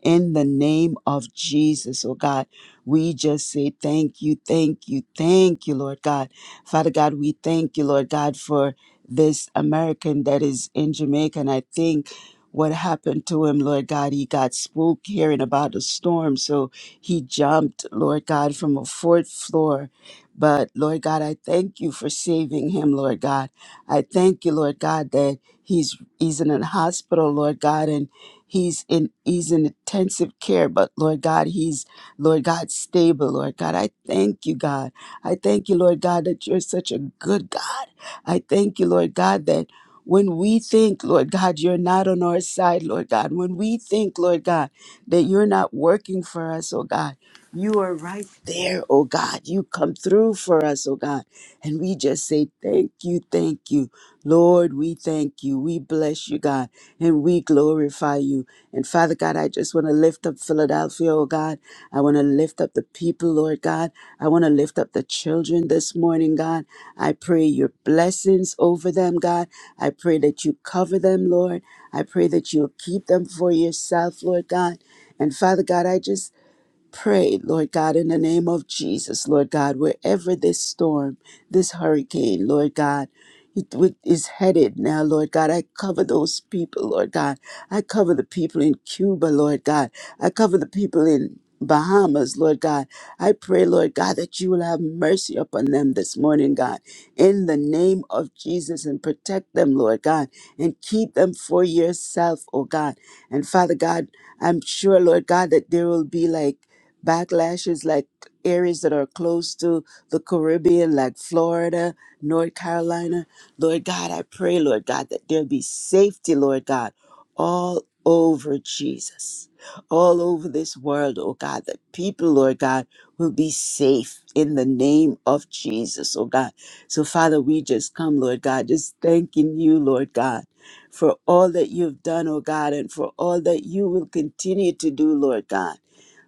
B: in the name of Jesus, oh God, we just say thank you, thank you, thank you, Lord God. Father God, we thank you, Lord God, for this American that is in Jamaica. And I think what happened to him, Lord God, he got spooked hearing about a storm. So he jumped, Lord God, from a fourth floor. But Lord God, I thank you for saving him, Lord God. I thank you, Lord God, that he's he's in a hospital, Lord God, and He's in he's in intensive care, but Lord God, he's Lord God stable. Lord God, I thank you, God. I thank you, Lord God, that you're such a good God. I thank you, Lord God, that when we think, Lord God, you're not on our side, Lord God. When we think, Lord God, that you're not working for us, oh God, you are right there, oh God. You come through for us, oh God. And we just say, thank you, thank you. Lord, we thank you. We bless you, God and we glorify you. And Father God, I just want to lift up Philadelphia, oh God. I want to lift up the people, Lord God. I want to lift up the children this morning, God. I pray your blessings over them, God. I pray that you cover them, Lord. I pray that you'll keep them for yourself, Lord God. And Father God, I just pray, Lord God, in the name of Jesus, Lord God, wherever this storm, this hurricane, Lord God, it with- is headed now, Lord God. I cover those people, Lord God. I cover the people in Cuba, Lord God. I cover the people in Bahamas, Lord God. I pray, Lord God, that you will have mercy upon them this morning, God, in the name of Jesus, and protect them, Lord God, and keep them for yourself, oh God. And Father God, I'm sure, Lord God, that there will be like backlashes like areas that are close to the Caribbean, like Florida, North Carolina. Lord God, I pray, Lord God, that there be safety, Lord God, all over Jesus, all over this world, oh God, that people, Lord God, will be safe in the name of Jesus, oh God. So, Father, we just come, Lord God, just thanking you, Lord God. For all that you've done, oh God, and for all that you will continue to do, Lord God.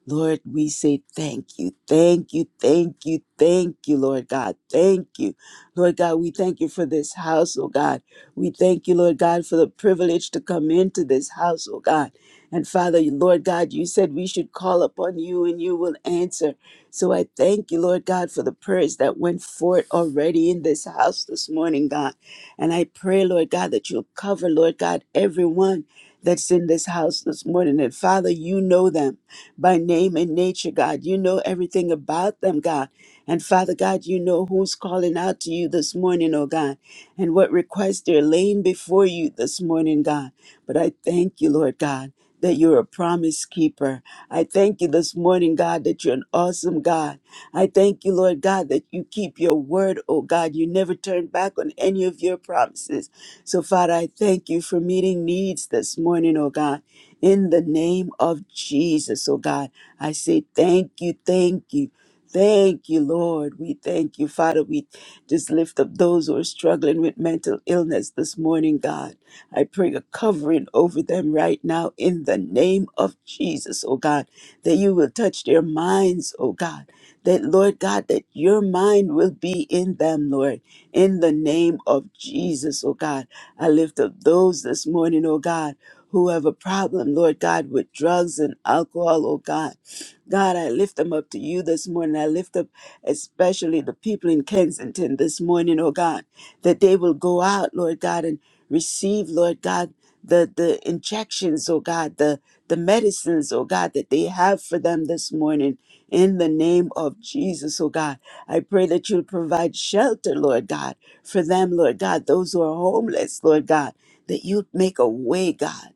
B: Lord, we say thank you, thank you, thank you, thank you, Lord God. Thank you. Lord God, we thank you for this house, oh God. We thank you, Lord God, for the privilege to come into this house, oh God. And Father, Lord God, you said we should call upon you and you will answer. So I thank you, Lord God, for the prayers that went forth already in this house this morning, God. And I pray, Lord God, that you'll cover, Lord God, everyone that's in this house this morning. And Father, you know them by name and nature, God. You know everything about them, God. And Father God, you know who's calling out to you this morning, oh God, and what requests they're laying before you this morning, God. But I thank you, Lord God, that you're a promise keeper. I thank you this morning, God, that you're an awesome God. I thank you, Lord God, that you keep your word, oh God. You never turn back on any of your promises. So, Father, I thank you for meeting needs this morning, oh God in the name of Jesus. Oh God, I say thank you, thank you. Thank you, Lord. We thank you, Father. We just lift up those who are struggling with mental illness this morning, God. I pray a covering over them right now in the name of Jesus, oh God, that you will touch their minds, oh God. That, Lord God, that your mind will be in them, Lord, in the name of Jesus, oh God. I lift up those this morning, oh God who have a problem, Lord God, with drugs and alcohol, oh God. God, I lift them up to you this morning. I lift up especially the people in Kensington this morning, oh God, that they will go out, Lord God, and receive, Lord God, the, the injections, oh God, the, the medicines, oh God, that they have for them this morning in the name of Jesus, oh God. I pray that you'll provide shelter, Lord God, for them, Lord God, those who are homeless, Lord God, that you make a way, God.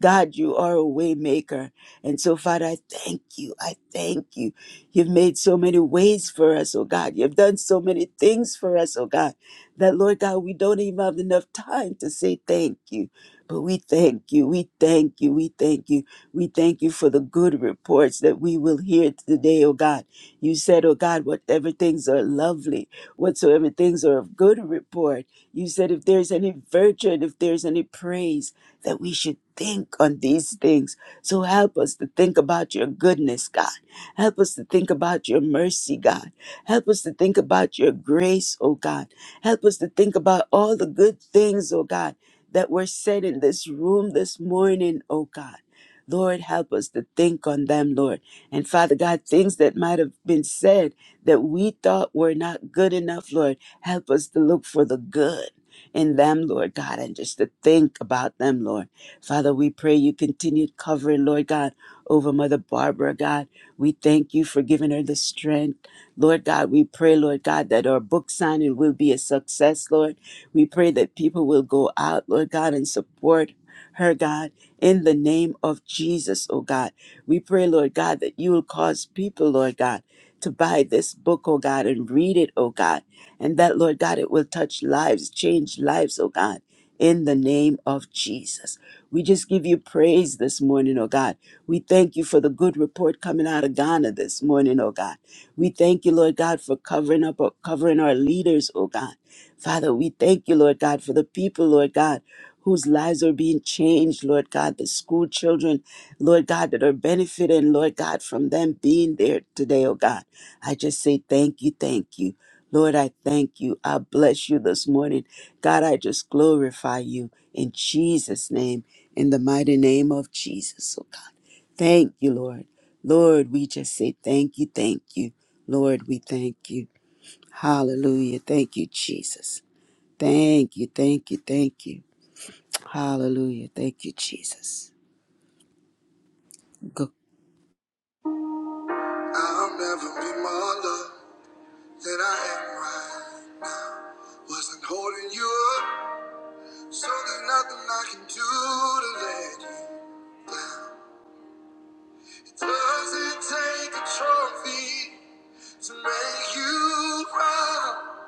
B: God, you are a way maker. And so, Father, I thank you. I thank you. You've made so many ways for us, oh God. You've done so many things for us, oh God, that, Lord God, we don't even have enough time to say thank you. But we thank you. We thank you. We thank you. We thank you for the good reports that we will hear today, oh God. You said, oh God, whatever things are lovely, whatsoever things are of good report. You said, if there's any virtue and if there's any praise, that we should think on these things. So help us to think about your goodness, God. Help us to think about your mercy, God. Help us to think about your grace, oh God. Help us to think about all the good things, oh God, that were said in this room this morning, oh God. Lord, help us to think on them, Lord. And Father God, things that might have been said that we thought were not good enough, Lord, help us to look for the good in them, Lord God, and just to think about them, Lord. Father, we pray you continue covering, Lord God, over Mother Barbara, God. We thank you for giving her the strength. Lord God, we pray, Lord God, that our book signing will be a success, Lord. We pray that people will go out, Lord God, and support her, God, in the name of Jesus, oh God. We pray, Lord God, that you will cause people, Lord God, to buy this book, oh God, and read it, oh God and that, Lord God, it will touch lives, change lives, oh God, in the name of Jesus. We just give you praise this morning, oh God. We thank you for the good report coming out of Ghana this morning, oh God. We thank you, Lord God, for covering up, covering our leaders, oh God. Father, we thank you, Lord God, for the people, Lord God, whose lives are being changed, Lord God, the school children Lord God, that are benefiting, Lord God, from them being there today, oh God. I just say thank you, thank you. Lord, I thank you. I bless you this morning. God, I just glorify you in Jesus' name, in the mighty name of Jesus, oh God. Thank you, Lord. Lord, we just say thank you, thank you. Lord, we thank you. Hallelujah. Thank you, Jesus. Thank you, thank you, thank you. Hallelujah. Thank you, Jesus.
A: I'll never be more loved than I am right. Wasn't holding you up, so there's nothing I can do to let you. doesn't take a trophy to make you proud.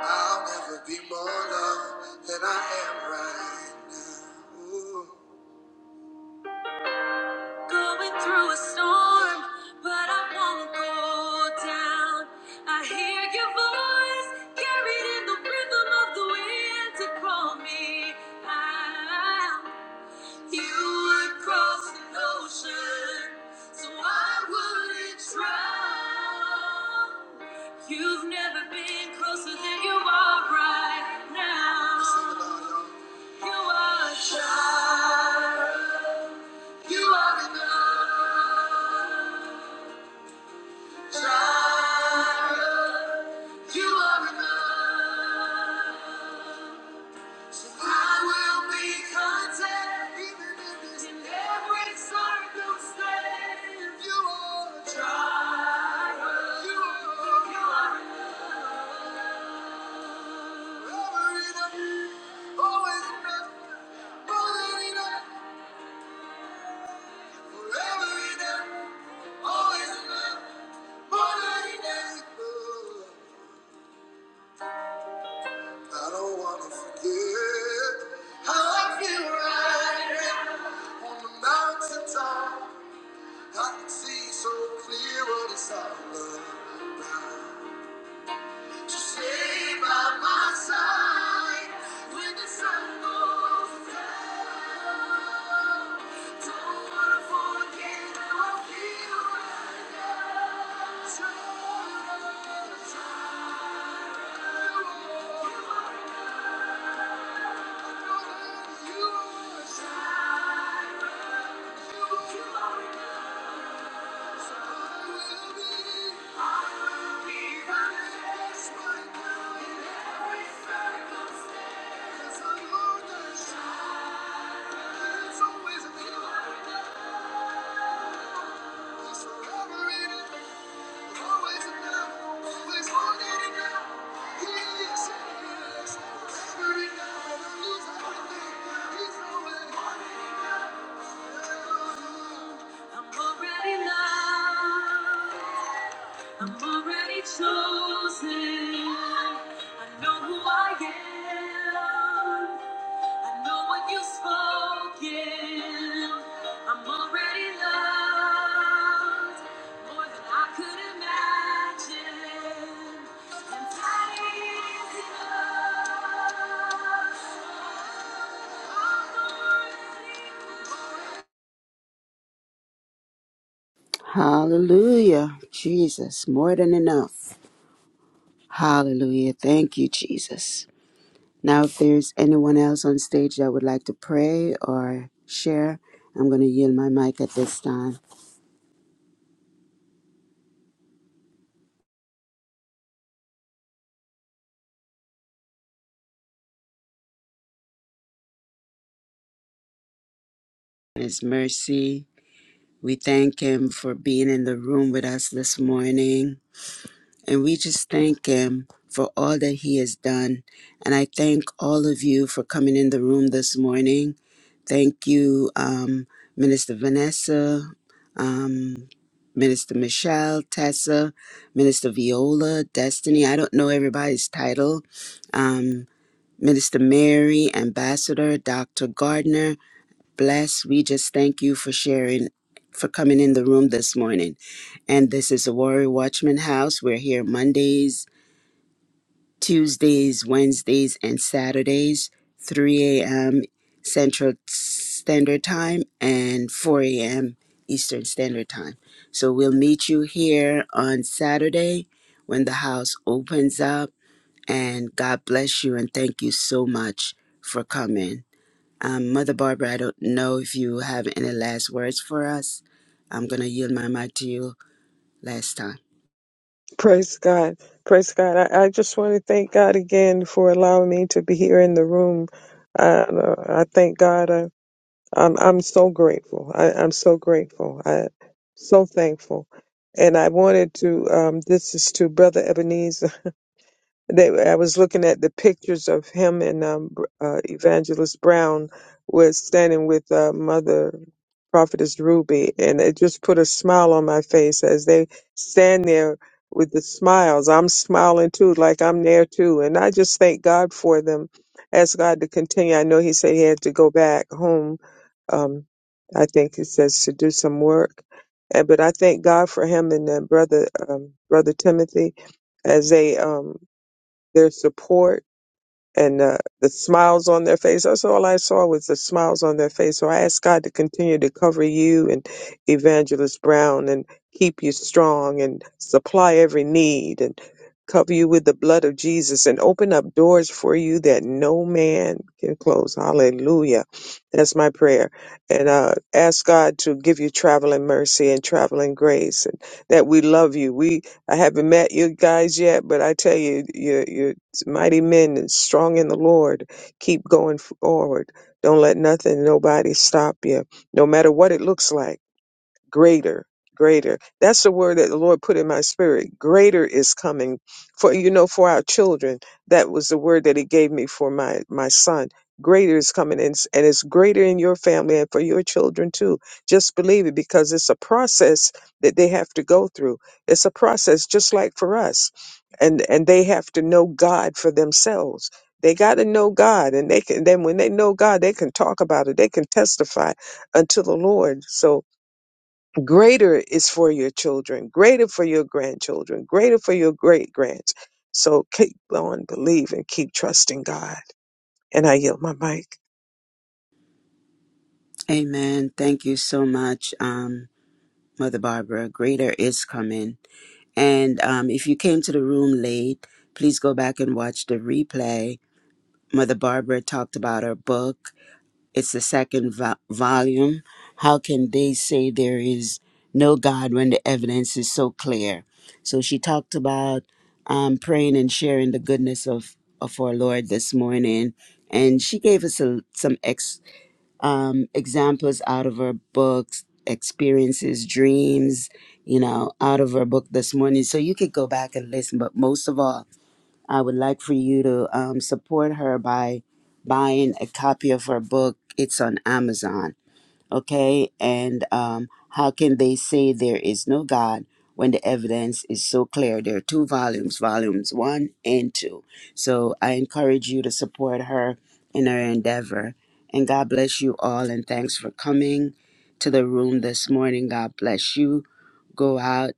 A: I'll never be more loved than I am right now. Ooh. Going through a storm, but I won't go down. I hear your voice carried in the rhythm of the wind to call me out. You would cross an ocean, so I wouldn't drown. You've never been closer than you are right now. You are, you are enough. You are enough. So I will be content even in this in every You are a You are, enough. Forever enough. Always enough. More than enough. Forever enough. Always enough. More than enough. I don't wanna forget how I feel right on the mountaintop. I can see so clear what it's all about. To stay by my side when the sun goes down. Don't wanna forget how I feel right now. Try, try. You are golden, you are a child, you are enough. So I will be. I'm already loved. I'm already chosen. I know who I am. I know what you've spoken. I'm already loved more than I could imagine. And that is enough.
B: Hallelujah. Jesus, more than enough. Hallelujah. Thank you, Jesus. Now, if there's anyone else on stage that would like to pray or share, I'm going to yield my mic at this time. His mercy. We thank him for being in the room with us this morning. And we just thank him for all that he has done. And I thank all of you for coming in the room this morning. Thank you, um, Minister Vanessa, um, Minister Michelle, Tessa, Minister Viola, Destiny. I don't know everybody's title. Um, Minister Mary, Ambassador, Dr. Gardner. Bless. We just thank you for sharing, for coming in the room this morning. And this is the Warrior Watchman House. We're here Mondays, Tuesdays, Wednesdays, and Saturdays, 3 a.m. Central Standard Time and 4 a.m. Eastern Standard Time. So we'll meet you here on Saturday when the house opens up. And God bless you and thank you so much for coming. Um, Mother Barbara, I don't know if you have any last words for us. I'm going to yield my mic to you last time.
C: Praise God. Praise God. I, I just want to thank God again for allowing me to be here in the room. Uh, I thank God. I, I'm, I'm so grateful. I, I'm so grateful. I so thankful. And I wanted to, um, this is to Brother Ebenezer. They, I was looking at the pictures of him and um, Br- uh, Evangelist Brown was standing with uh, Mother Prophetess Ruby, and it just put a smile on my face as they stand there with the smiles. I'm smiling too, like I'm there too, and I just thank God for them. Ask God to continue. I know He said He had to go back home. Um, I think He says to do some work, and but I thank God for him and uh, brother um, brother Timothy as they um, their support and uh, the smiles on their face. That's all I saw was the smiles on their face. So I ask God to continue to cover you and Evangelist Brown and keep you strong and supply every need and cover you with the blood of Jesus and open up doors for you that no man can close. Hallelujah. That's my prayer. And uh, ask God to give you traveling mercy and traveling grace and that we love you. We I haven't met you guys yet, but I tell you, you you mighty men and strong in the Lord. Keep going forward. Don't let nothing, nobody stop you, no matter what it looks like greater greater that's the word that the lord put in my spirit greater is coming for you know for our children that was the word that he gave me for my my son greater is coming and, it's- and it's greater in your family and for your children too just believe it because it's a process that they have to go through it's a process just like for us and and they have to know god for themselves they got to know god and they can then when they know god they can talk about it they can testify unto the lord so greater is for your children, greater for your grandchildren, greater for your great grands. So keep on believing, keep trusting God. And I yield my mic.
B: Amen. Thank you so much, um, Mother Barbara. Greater is coming. And um, if you came to the room late, please go back and watch the replay. Mother Barbara talked about her book It's the second vo- volume. How can they say there is no God when the evidence is so clear? So she talked about um, praying and sharing the goodness of, of our Lord this morning. And she gave us a, some ex, um, examples out of her books, experiences, dreams, you know, out of her book this morning. So you could go back and listen. But most of all, I would like for you to um, support her by buying a copy of her book. It's on Amazon okay? And um, how can they say there is no God when the evidence is so clear? There are two volumes, volumes one and two. So I encourage you to support her in her endeavor. And God bless you all, and thanks for coming to the room this morning. God bless you. Go out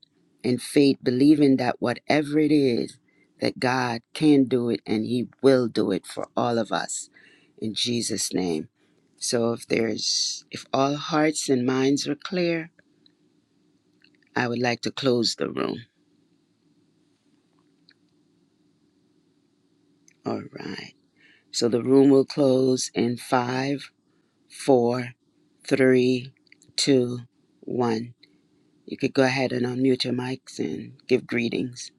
B: in faith, believing that whatever it is, that God can do it and He will do it for all of us. In Jesus' name. So if there's if all hearts and minds are clear, I would like to close the room. All right. So the room will close in five, four, three, two, one. You could go ahead and unmute your mics and give greetings.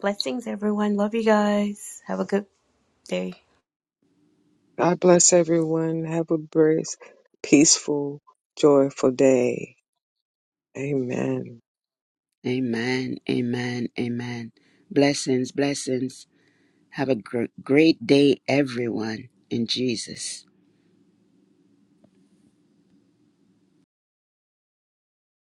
A: Blessings, everyone. Love you guys. Have a good day.
C: God bless everyone. Have a blessed, peaceful, joyful day. Amen.
B: Amen. Amen. Amen. Blessings, blessings. Have a gr- great day, everyone, in Jesus.